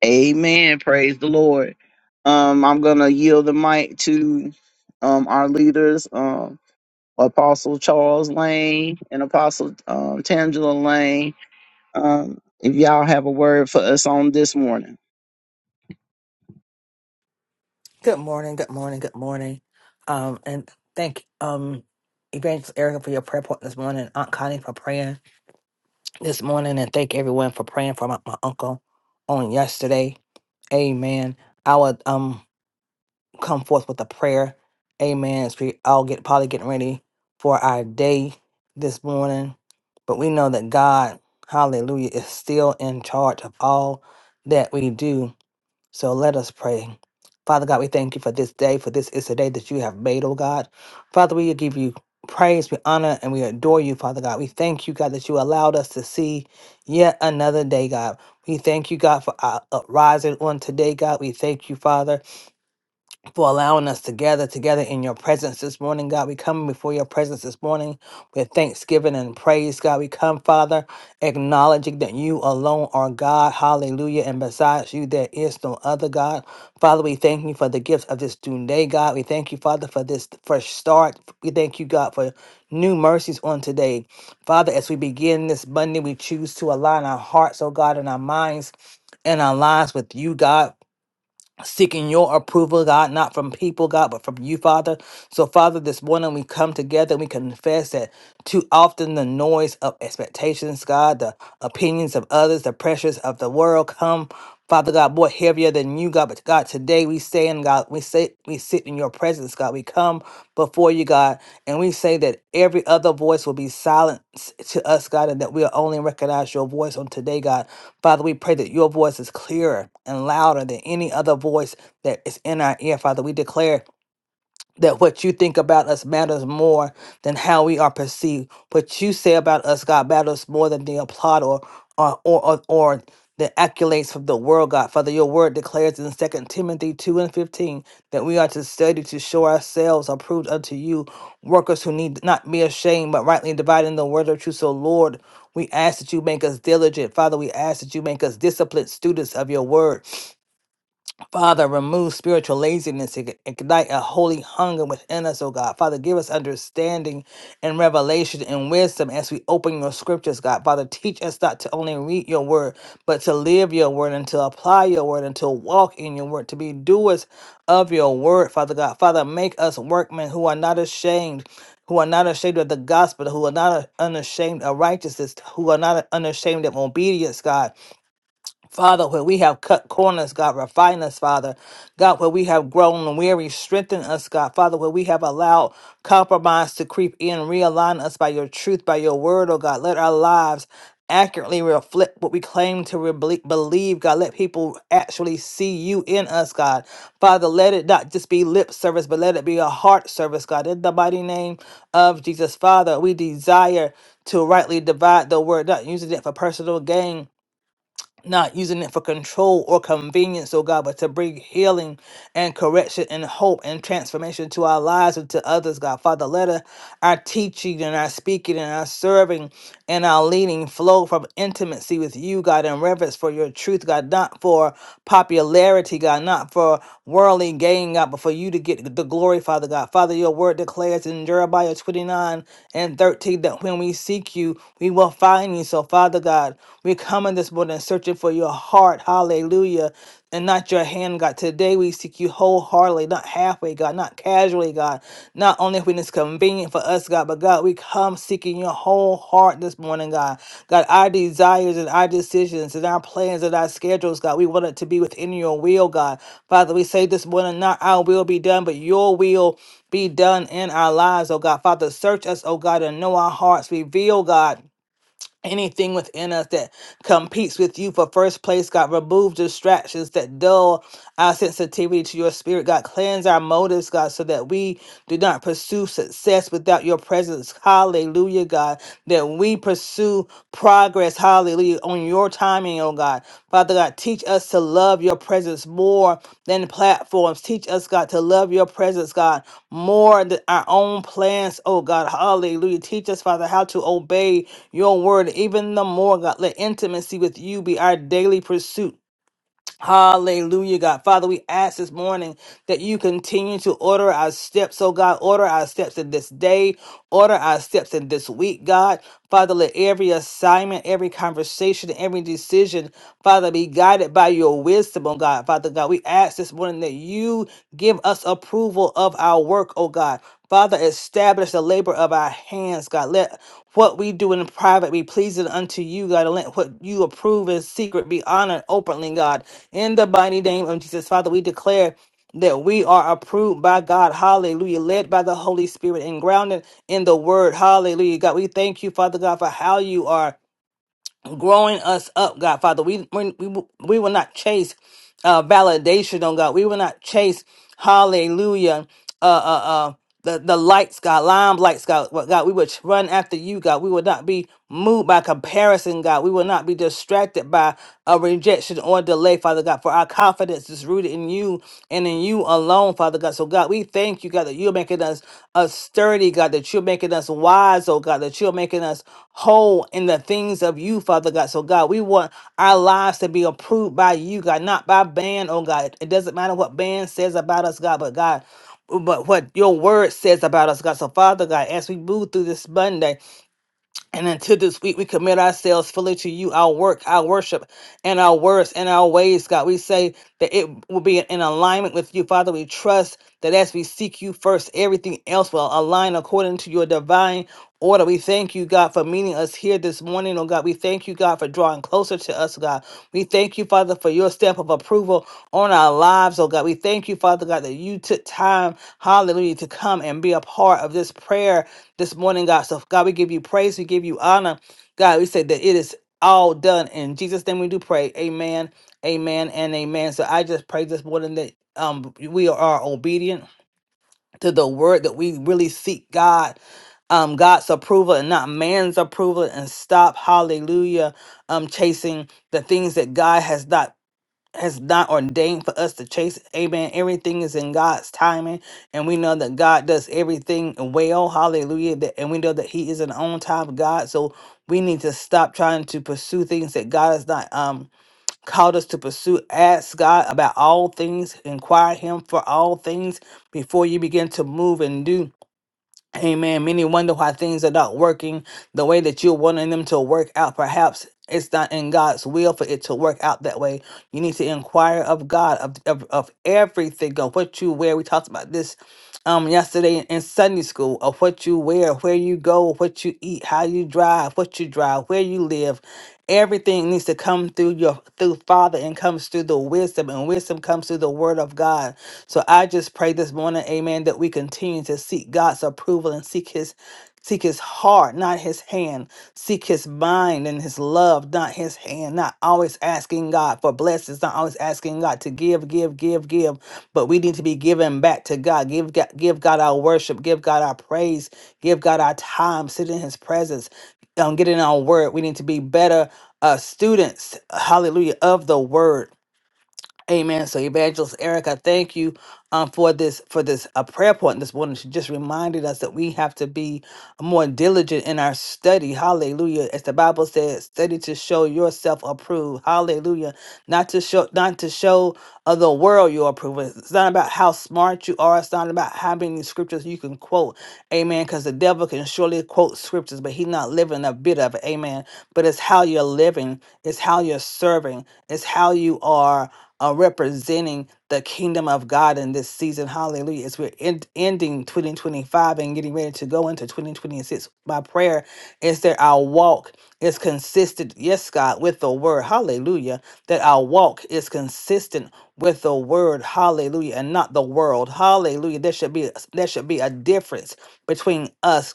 Speaker 1: Amen. Praise the Lord. Um, I'm gonna yield the mic to um our leaders, um Apostle Charles Lane and Apostle um Tangela Lane. Um, if y'all have a word for us on this morning.
Speaker 4: Good morning, good morning, good morning. Um, and thank um Evangelist Erica for your prayer point this morning, Aunt Connie for praying this morning, and thank everyone for praying for my, my uncle on yesterday. Amen. I would um come forth with a prayer. Amen. As we all get probably getting ready for our day this morning. But we know that God, hallelujah, is still in charge of all that we do so let us pray. Father God, we thank you for this day, for this is the day that you have made, oh God. Father, we give you praise, we honor, and we adore you, Father God. We thank you, God, that you allowed us to see yet another day, God. We thank you, God, for our uprising on today, God. We thank you, Father for allowing us to gather together in your presence this morning, God. We come before your presence this morning with thanksgiving and praise, God. We come, Father, acknowledging that you alone are God. Hallelujah. And besides you, there is no other God. Father, we thank you for the gifts of this new day, God. We thank you, Father, for this fresh start. We thank you, God, for new mercies on today. Father, as we begin this Monday, we choose to align our hearts, oh God, and our minds and our lives with you, God seeking your approval, God, not from people, God, but from you, Father. So, Father, this morning we come together and we confess that too often the noise of expectations, God, the opinions of others, the pressures of the world come. Father God, more heavier than you, God. But God, today we stand, God, we sit, we sit in your presence, God. We come before you, God, and we say that every other voice will be silenced to us, God, and that we'll only recognize your voice on today, God. Father, we pray that your voice is clearer and louder than any other voice that is in our ear. Father, we declare that what you think about us matters more than how we are perceived. What you say about us, God, matters more than the applaud or or or or, or the accolades from the world, God. Father, your word declares in Second Timothy 2 and 15 that we are to study to show ourselves approved unto you, workers who need not be ashamed, but rightly dividing the word of truth. So, Lord, we ask that you make us diligent. Father, we ask that you make us disciplined students of your word. Father, remove spiritual laziness and ignite a holy hunger within us, O God. Father, give us understanding and revelation and wisdom as we open your scriptures, God. Father, teach us not to only read your word, but to live your word and to apply your word and to walk in your word, to be doers of your word, Father God. Father, make us workmen who are not ashamed. Who are not ashamed of the gospel, who are not unashamed of righteousness, who are not unashamed of obedience, God. Father, where we have cut corners, God, refine us, Father. God, where we have grown weary, strengthen us, God. Father, where we have allowed compromise to creep in, realign us by your truth, by your word, oh God. Let our lives accurately reflect what we claim to re- believe, God. Let people actually see you in us, God. Father, let it not just be lip service, but let it be a heart service, God. In the mighty name of Jesus, Father, we desire to rightly divide the word, not using it for personal gain not using it for control or convenience, oh God, but to bring healing and correction and hope and transformation to our lives and to others, God. Father, let our our teaching and our speaking and our serving and our leading flow from intimacy with you, God, and reverence for your truth, God, not for popularity, God, not for worldly gain, God, but for you to get the glory, Father God. Father, your word declares in Jeremiah 29 and 13 that when we seek you, we will find you. So, Father God, God. we come in this morning searching for your heart. Hallelujah. And not your hand, God. Today we seek you wholeheartedly, not halfway, God, not casually, God. Not only when it's convenient for us, God, but God, we come seeking your whole heart this morning, God. God, our desires and our decisions and our plans and our schedules, God, we want it to be within your will, God. Father, we say this morning, not our will be done, but your will be done in our lives, oh God. Father, search us, oh God, and know our hearts. Reveal, God Anything within us that competes with you for first place, God, remove distractions that dull our sensitivity to your spirit. God, cleanse our motives, God, so that we do not pursue success without your presence. Hallelujah, God, that we pursue progress. Hallelujah, on your your timing, oh God. Father God, teach us to love your presence more than platforms. Teach us, God, to love your presence, God, more than our own plans, oh God. Hallelujah. Teach us, Father, how to obey your word even the more, God. Let intimacy with you be our daily pursuit. Hallelujah, God. Father, we ask this morning that you continue to order our steps, oh God. Order our steps in this day, order our steps in this week, God. Father, let every assignment, every conversation, every decision, Father, be guided by your wisdom, oh God. Father God, we ask this morning that you give us approval of our work, oh God. Father, establish the labor of our hands, God. Let what we do in private be pleasing unto you, God. And let what you approve in secret be honored openly, God. In the mighty name of Jesus, Father, we declare that we are approved by God. Hallelujah. Led by the Holy Spirit and grounded in the word. Hallelujah. God, we thank you, Father God, for how you are growing us up, God Father. We we we, will- we will not chase uh, validation, oh God. We will not chase Hallelujah. Uh, uh, uh, the, the lights, God, lime lights, God, What, God, we would run after you, God. We would not be moved by comparison, God. We will not be distracted by a rejection or delay, Father God. For for our confidence is rooted in you and in you alone, Father God. So, God, we thank you, God, that you're making us a sturdy, God, that you're making us wise, oh God, that you're making us whole in the things of you, Father God. So, God, we want our lives to be approved by you, God, not by man, oh God. It doesn't matter what man says about us, God, but God, but what your word says about us, God. So, Father God, as we move through this Monday, and until this week, we commit ourselves fully to you, our work, our worship, and our words and our ways, God. We say that it will be in alignment with you, Father. We trust that as we seek you first, everything else will align according to your divine order. We thank you, God, for meeting us here this morning, oh God. We thank you, God, for drawing closer to us, God. We thank you, Father, for your stamp of approval on our lives, oh God. We thank you, Father, God, that you took time, hallelujah, to come and be a part of this prayer this morning, God. So, God, we give you praise, we give you honor. God, we say that it is all done. In Jesus' name we do pray. Amen, amen, and amen. So I just pray this morning that um we are obedient to the word that we really seek God. Um, God's approval and not man's approval, and stop, hallelujah, um, chasing the things that God has not has not ordained for us to chase. Amen. Everything is in God's timing. And we know that God does everything well. Hallelujah. That- And we know that He is an on time God. So we need to stop trying to pursue things that God has not um called us to pursue. Ask God about all things, inquire Him for all things before you begin to move and do. Amen. Many wonder why things are not working the way that you're wanting them to work out. Perhaps it's not in God's will for it to work out that way. You need to inquire of God of, of, of everything, of what you wear. We talked about this um yesterday in Sunday school of what you wear, where you go, what you eat, how you drive, what you drive, where you live. Everything needs to come through your through Father and comes through the wisdom, and wisdom comes through the word of God. So I just pray this morning, amen, that we continue to seek God's approval and seek his Seek his heart, not his hand. Seek his mind and his love, not his hand. Not always asking God for blessings, not always asking God to give, give, give, give. But we need to be giving back to God. Give, God- give God our worship, give God our praise, give God our time, sit in his presence, um, get in our word. We need to be better uh, students, hallelujah, of the word. Amen. So, Evangelist Erica, thank you um, for this for this uh, prayer point this morning. She just reminded us that we have to be more diligent in our study. Hallelujah. As the Bible says, study to show yourself approved. Hallelujah. Not to show not to show of the world your approval. It's not about how smart you are. It's not about how many scriptures you can quote. Amen. Because the devil can surely quote scriptures, but he's not living a bit of it. Amen but it's how you're living, it's how you're serving, it's how you are uh, representing the kingdom of God in this season. Hallelujah. As we're end, ending 2025 and getting ready to go into 2026, my prayer is that our walk is consistent, yes, God, with the word. Hallelujah. That our walk is consistent with the word. Hallelujah. And not the world. Hallelujah. There should be there should be a difference between us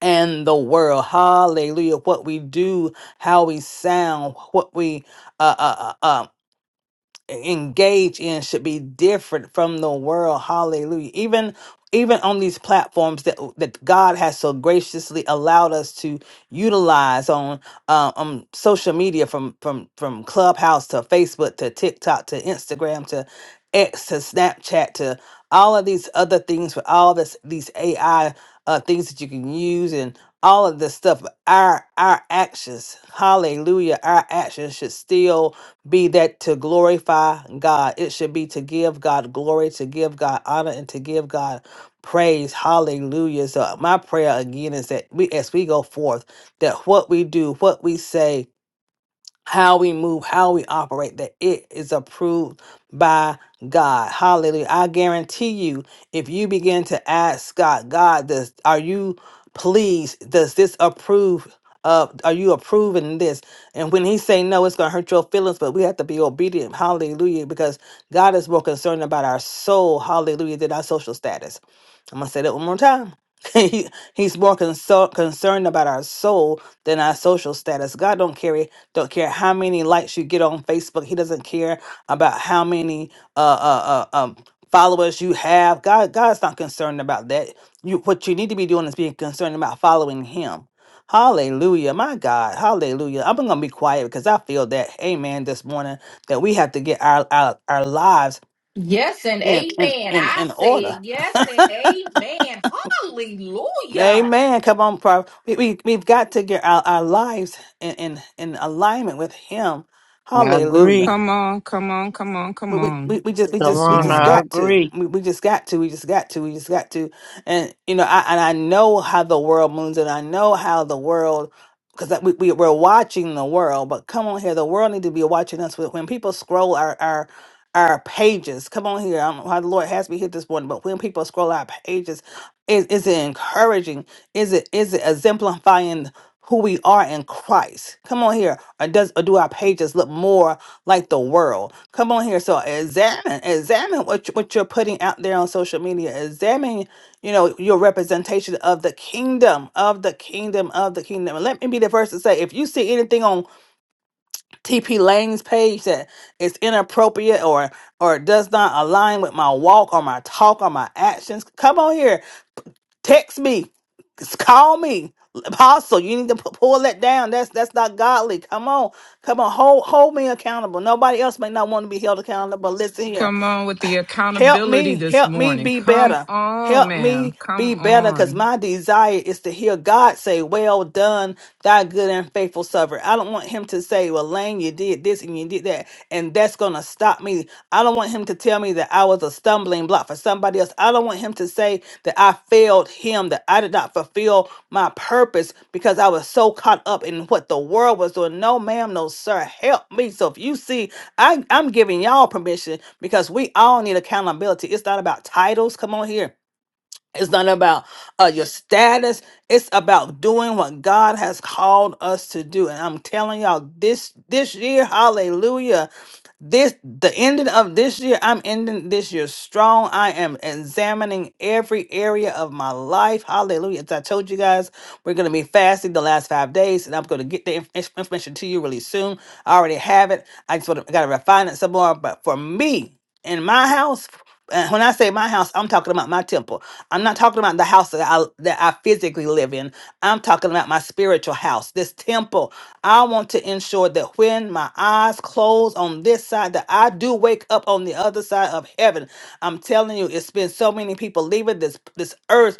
Speaker 4: and the world. Hallelujah. What we do, how we sound, what we uh, uh, uh. um, engage in should be different from the world. Hallelujah. Even even on these platforms that that God has so graciously allowed us to utilize on uh, on social media from from from Clubhouse to Facebook to TikTok to Instagram to X to Snapchat to all of these other things with all this these AI uh, things that you can use and all of this stuff. Our our actions, Hallelujah, our actions should still be that to glorify God. It should be to give God glory, to give God honor, and to give God praise. Hallelujah. So my prayer again is that we as we go forth, that what we do, what we say, how we move, how we operate, that it is approved by God. Hallelujah. I guarantee you, if you begin to ask God, God, does are you pleased? Does this approve of are you approving this? And when he say no, it's gonna hurt your feelings, but we have to be obedient. Hallelujah. Because God is more concerned about our soul, hallelujah, than our social status. I'm gonna say that one more time. he, he's more conso- concerned about our soul than our social status. God don't carry don't care how many likes you get on Facebook. He doesn't care about how many uh, uh, uh, um, followers you have. God, God's not concerned about that. You, what you need to be doing is being concerned about following Him. Hallelujah, my God, Hallelujah. I'm gonna be quiet because I feel that, Amen. This morning, that we have to get our our, our lives
Speaker 5: Yes and
Speaker 4: in in
Speaker 5: amen.
Speaker 4: in,
Speaker 5: I
Speaker 4: in order.
Speaker 5: said yes and amen. Hallelujah.
Speaker 4: Amen. Come on, Prof. We, we we've got to get our, our lives in, in in alignment with Him.
Speaker 3: I
Speaker 4: Hallelujah.
Speaker 3: agree.
Speaker 6: Come on, come on, come on, come
Speaker 4: But we, we,
Speaker 6: on
Speaker 4: we just we
Speaker 3: Come
Speaker 4: just
Speaker 6: this
Speaker 4: we
Speaker 3: on,
Speaker 4: just
Speaker 3: I
Speaker 6: morning.
Speaker 4: got to
Speaker 3: agree.
Speaker 4: we, we just got to we just got to we just got to and you know I and I know how the world moves and I know how the world because we, we we're watching the world but come on here the world need to be watching us when when people scroll our our our pages come on here I don't know how the Lord has me hit this morning but when people scroll our pages is is it encouraging is it is it exemplifying who we are in Christ come on here or does or do our pages look more like the world. Come on here. So examine, examine what you, what you're putting out there on social media. Examine, you know, your representation of the kingdom, of the kingdom, of the kingdom. And let me be the first to say, if you see anything on TP Lane's page that is inappropriate or or does not align with my walk or my talk or my actions, come on here Text me. Just Call me. Apostle, you need to pu- pull that down. That's that's not godly. Come on. Come on. Hold hold me accountable. Nobody else may not want to be held accountable. But listen here.
Speaker 6: Come on with the
Speaker 4: Help
Speaker 6: accountability
Speaker 4: me.
Speaker 6: this
Speaker 4: Help me
Speaker 6: morning.
Speaker 4: be
Speaker 6: Come
Speaker 4: better.
Speaker 6: on,
Speaker 4: Help me
Speaker 6: ma'am. Come
Speaker 4: be better because
Speaker 6: on.
Speaker 4: my desire is to hear God say, Well done, thy good and faithful servant. I don't want him to say, well, Lane, you did this and you did that, and that's going to stop me. I don't want him to tell me that I was a stumbling block for somebody else. I don't want him to say that I failed him, that I did not fulfill my purpose because I was so caught up in what the world was doing. No, ma'am, no, sir. Help me. So if you see, I, I'm giving y'all permission because we all need accountability. It's not about titles. Come on here. It's not about uh, your status. It's about doing what God has called us to do. And I'm telling y'all, this this year, hallelujah. This the ending of this year. I'm ending this year strong. I am examining every area of my life. Hallelujah. As I told you guys, we're gonna be fasting the last five days, and I'm gonna get the inf- information to you really soon. I already have it. I just want to, gotta refine it some more. But for me in my house. And when I say my house, I'm talking about my temple. I'm not talking about the house that I that I physically live in. I'm talking about my spiritual house, this temple. I want to ensure that when my eyes close on this side, that I do wake up on the other side of heaven. I'm telling you, it's been so many people leaving this this earth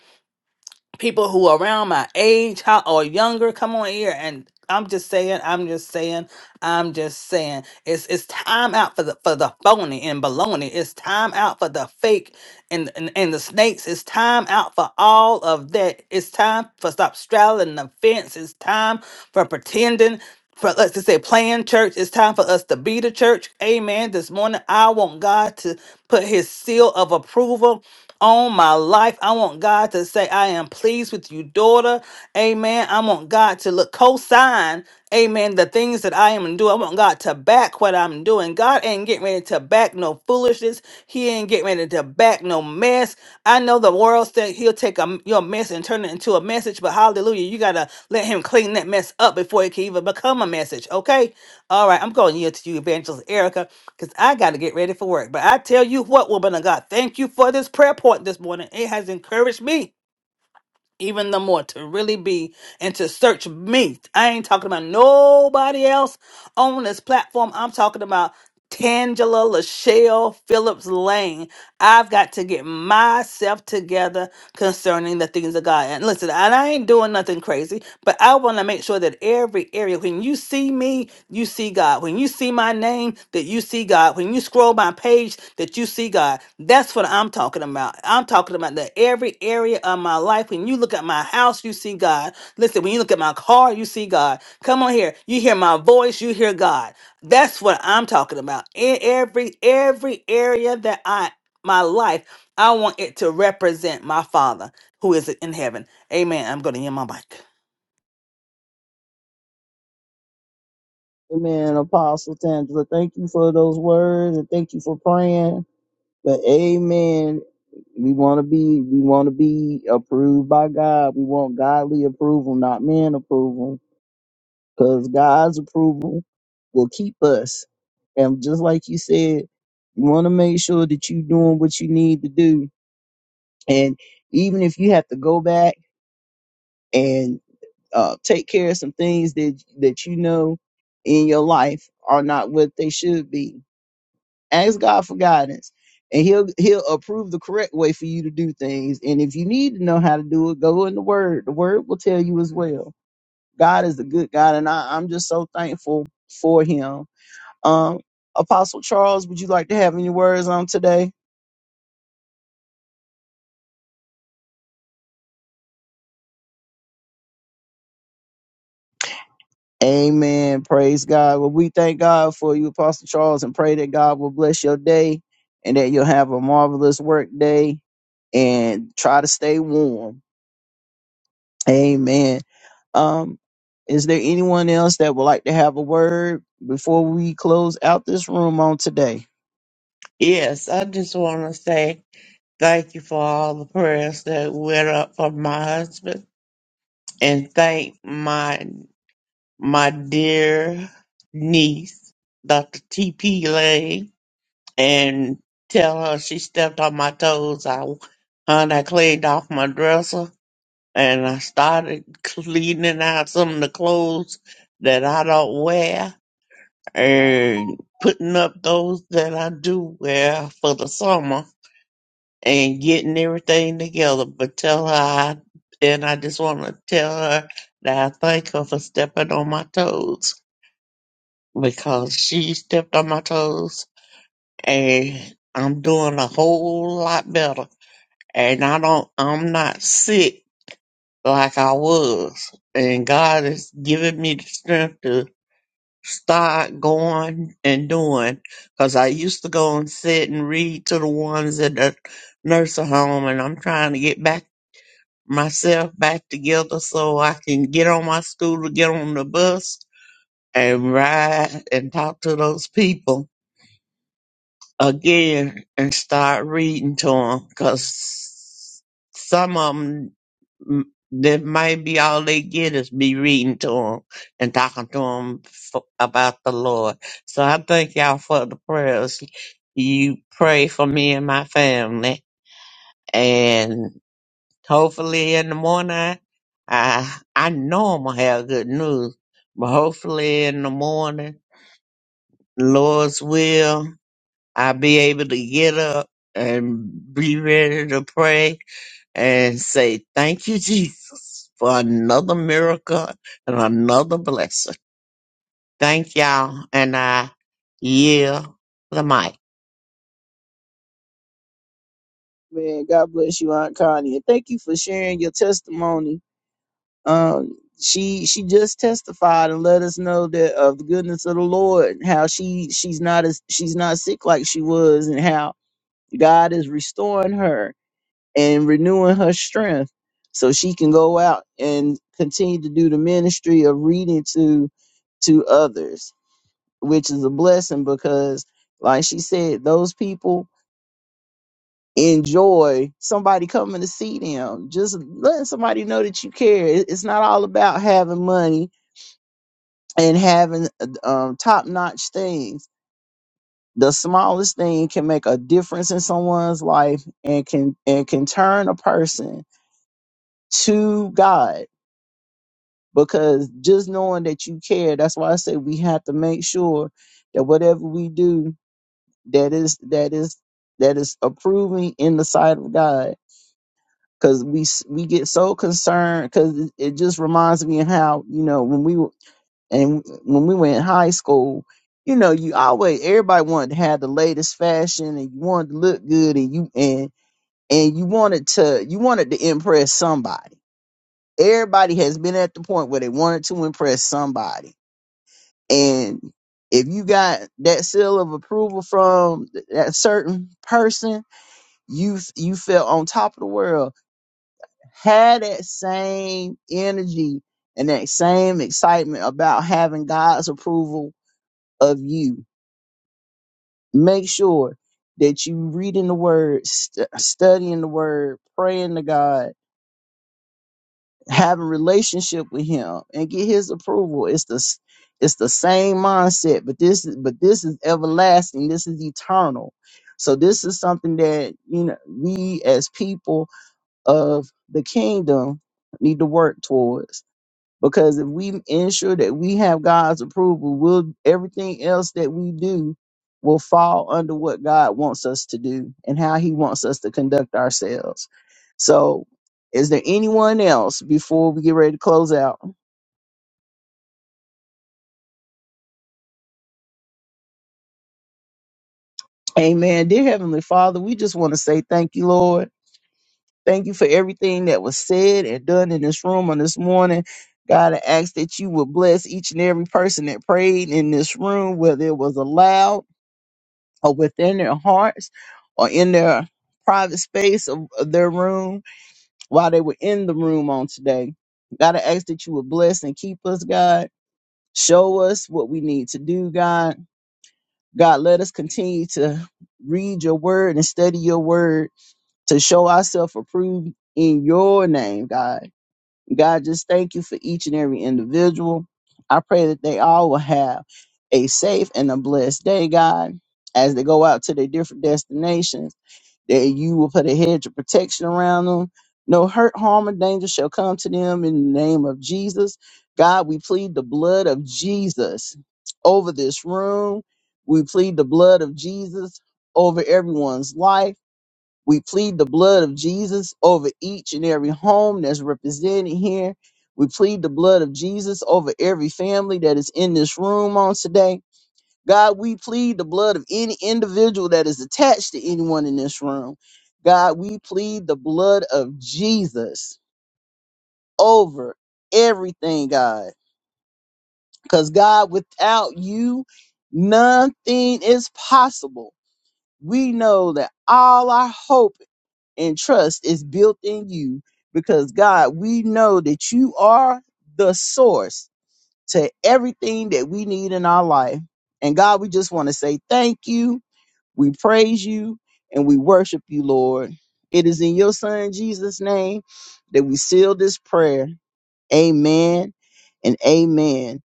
Speaker 4: people who are around my age how, or younger come on here and I'm just saying, I'm just saying, I'm just saying. It's it's time out for the for the phony and baloney. It's time out for the fake and, and and the snakes. It's time out for all of that. It's time for stop straddling the fence. It's time for pretending. For us to say playing church. It's time for us to be the church. Amen. This morning I want God to put his seal of approval on my life. I want God to say, I am pleased with you, daughter. Amen. I want God to look co sign. Amen. The things that I am doing, I want God to back what I'm doing. God ain't getting ready to back no foolishness. He ain't getting ready to back no mess. I know the world said he'll take a, your mess and turn it into a message, but hallelujah, you got to let him clean that mess up before it can even become a message. Okay. All right, I'm going to yield to you, Evangelist Erica, because I got to get ready for work. But I tell you what, woman of God, thank you for this prayer point this morning. It has encouraged me even the more to really be and to search me. I ain't talking about nobody else on this platform. I'm talking about Tangela Lachelle Phillips Lane. I've got to get myself together concerning the things of God. And listen, and I ain't doing nothing crazy, but I want to make sure sure that every area, when you see me, you see God. When you see my name, that you see God. When you scroll my page, that you see God. That's what I'm talking about. I'm talking about that every area of my life. When you look at my house, you see God. Listen, when you look at my car, you see God. Come on here. You hear my voice, you hear God. That's what I'm talking about. In every every area that I my life, I want it to represent my Father who is in heaven. Amen. I'm going to end my mic.
Speaker 1: Amen, Apostle Tangela. Thank you for those words and thank you for praying. But amen. We want to be, we want to be approved by God. We want godly approval, not man approval, because God's approval will keep us. And just like you said, you want to make sure that you're doing what you need to do. And even if you have to go back and uh, take care of some things that that you know in your life are not what they should be, Ask God for guidance, and He'll He'll approve the correct way for you to do things. And if you need to know how to do it, go in the Word. The Word will tell you as well. God is a good God, and I, I'm just so thankful for Him. Um, Apostle Charles, would you like to have any words on today? Amen. Praise God. Well, we thank God for you, Apostle Charles, and pray that God will bless your day and that you'll have a marvelous work day and try to stay warm. Amen. Um, is there anyone else that would like to have a word before we close out this room on today?
Speaker 3: Yes, I just want to say thank you for all the prayers that went up for my husband, and thank my my dear niece, Dr. T.P. Lane and tell her she stepped on my toes. I, and I cleaned off my dresser and I started cleaning out some of the clothes that I don't wear and putting up those that I do wear for the summer and getting everything together. But tell her I, and I just want to tell her that I thank her for stepping on my toes because she stepped on my toes and I'm doing a whole lot better. And I don't, I'm not sick like I was. And God is giving me the strength to start going and doing. Cause I used to go and sit and read to the ones at the nursing home and I'm trying to get back myself back together so I can get on my scooter, get on the bus and ride and talk to those people again and start reading to them because some of them that might be all they get is be reading to them and talking to them f about the Lord. So I thank y'all for the prayers. You pray for me and my family, and hopefully in the morning, I I know I'm gonna have good news, but hopefully in the morning, Lord's will. I'll be able to get up and be ready to pray and say, Thank you, Jesus, for another miracle and another blessing. Thank y'all, and I yield the mic.
Speaker 1: Man, God bless you, Aunt Connie. And thank you for sharing your testimony. Um, she she just testified and let us know that of the goodness of the Lord, and how she she's not as she's not sick like she was, and how God is restoring her and renewing her strength so she can go out and continue to do the ministry of reading to to others which is a blessing because like she said those people enjoy somebody coming to see them just letting somebody know that you care It- it's not all about having money and having um, top-notch things the smallest thing can make a difference in someone's life and can and can turn a person to god because just knowing that you care that's why i say we have to make sure that whatever we do that is that is that is approving in the sight of god because we s- we get so concerned because it, it just reminds me of how you know when we were and when we were in high school you know you always everybody wanted to have the latest fashion and you wanted to look good and you and and you wanted to you wanted to impress somebody everybody has been at the point where they wanted to impress somebody And if you got that seal of approval from th- that certain person, you f- you felt on top of the world. Had that same energy and that same excitement about having God's approval of you. Make sure that you reading the word, st- studying the word, praying to God, having relationship with him and get his approval. It's the s- it's the same mindset, but this is but this is everlasting. This is eternal. So this is something that you know we as people of the kingdom need to work towards. Because if we ensure that we have God's approval, will everything else that we do will fall under what God wants us to do and how He wants us to conduct ourselves. So, is there anyone else before we get ready to close out? Amen. Dear Heavenly Father, we just want to say thank you, Lord. Thank you for everything that was said and done in this room on this morning. God, I ask that you would bless each and every person that prayed in this room, whether it was aloud or within their hearts or in their private space of, of their room while they were in the room on today. God, I ask that you would bless and keep us, God. Show us what we need to do, God. God, let us continue to read your word and study your word to show ourselves approved in your name, God. God, just thank you for each and every individual. I pray that they all will have a safe and a blessed day, God, as they go out to their different destinations that you will put a hedge of protection around them. No hurt, harm, or danger shall come to them in the name of Jesus. God, we plead the blood of Jesus over this room. We plead the blood of Jesus over everyone's life. We plead the blood of Jesus over each and every home that's represented here. We plead the blood of Jesus over every family that is in this room on today. God, we plead the blood of any individual that is attached to anyone in this room. God, we plead the blood of Jesus over everything, God. Because, God, without you, nothing is possible. We know that all our hope and trust is built in you because, God, we know that you are the source to everything that we need in our life. And, God, we just want to say thank you We praise you and we worship you, Lord. It is in your son Jesus' name that we seal this prayer. Amen and amen.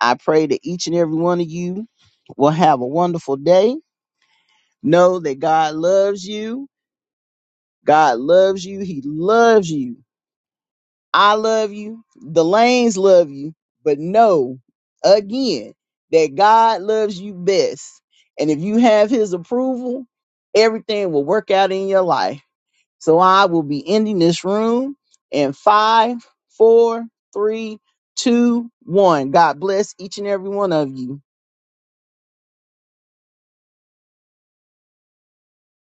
Speaker 1: I pray that each and every one of you will have a wonderful day. Know that God loves you. God loves you. He loves you. I love you. The lanes love you. But know again that God loves you best. And if you have his approval, everything will work out in your life. So I will be ending this room in five, four, three, two, one. God bless each and every one of you.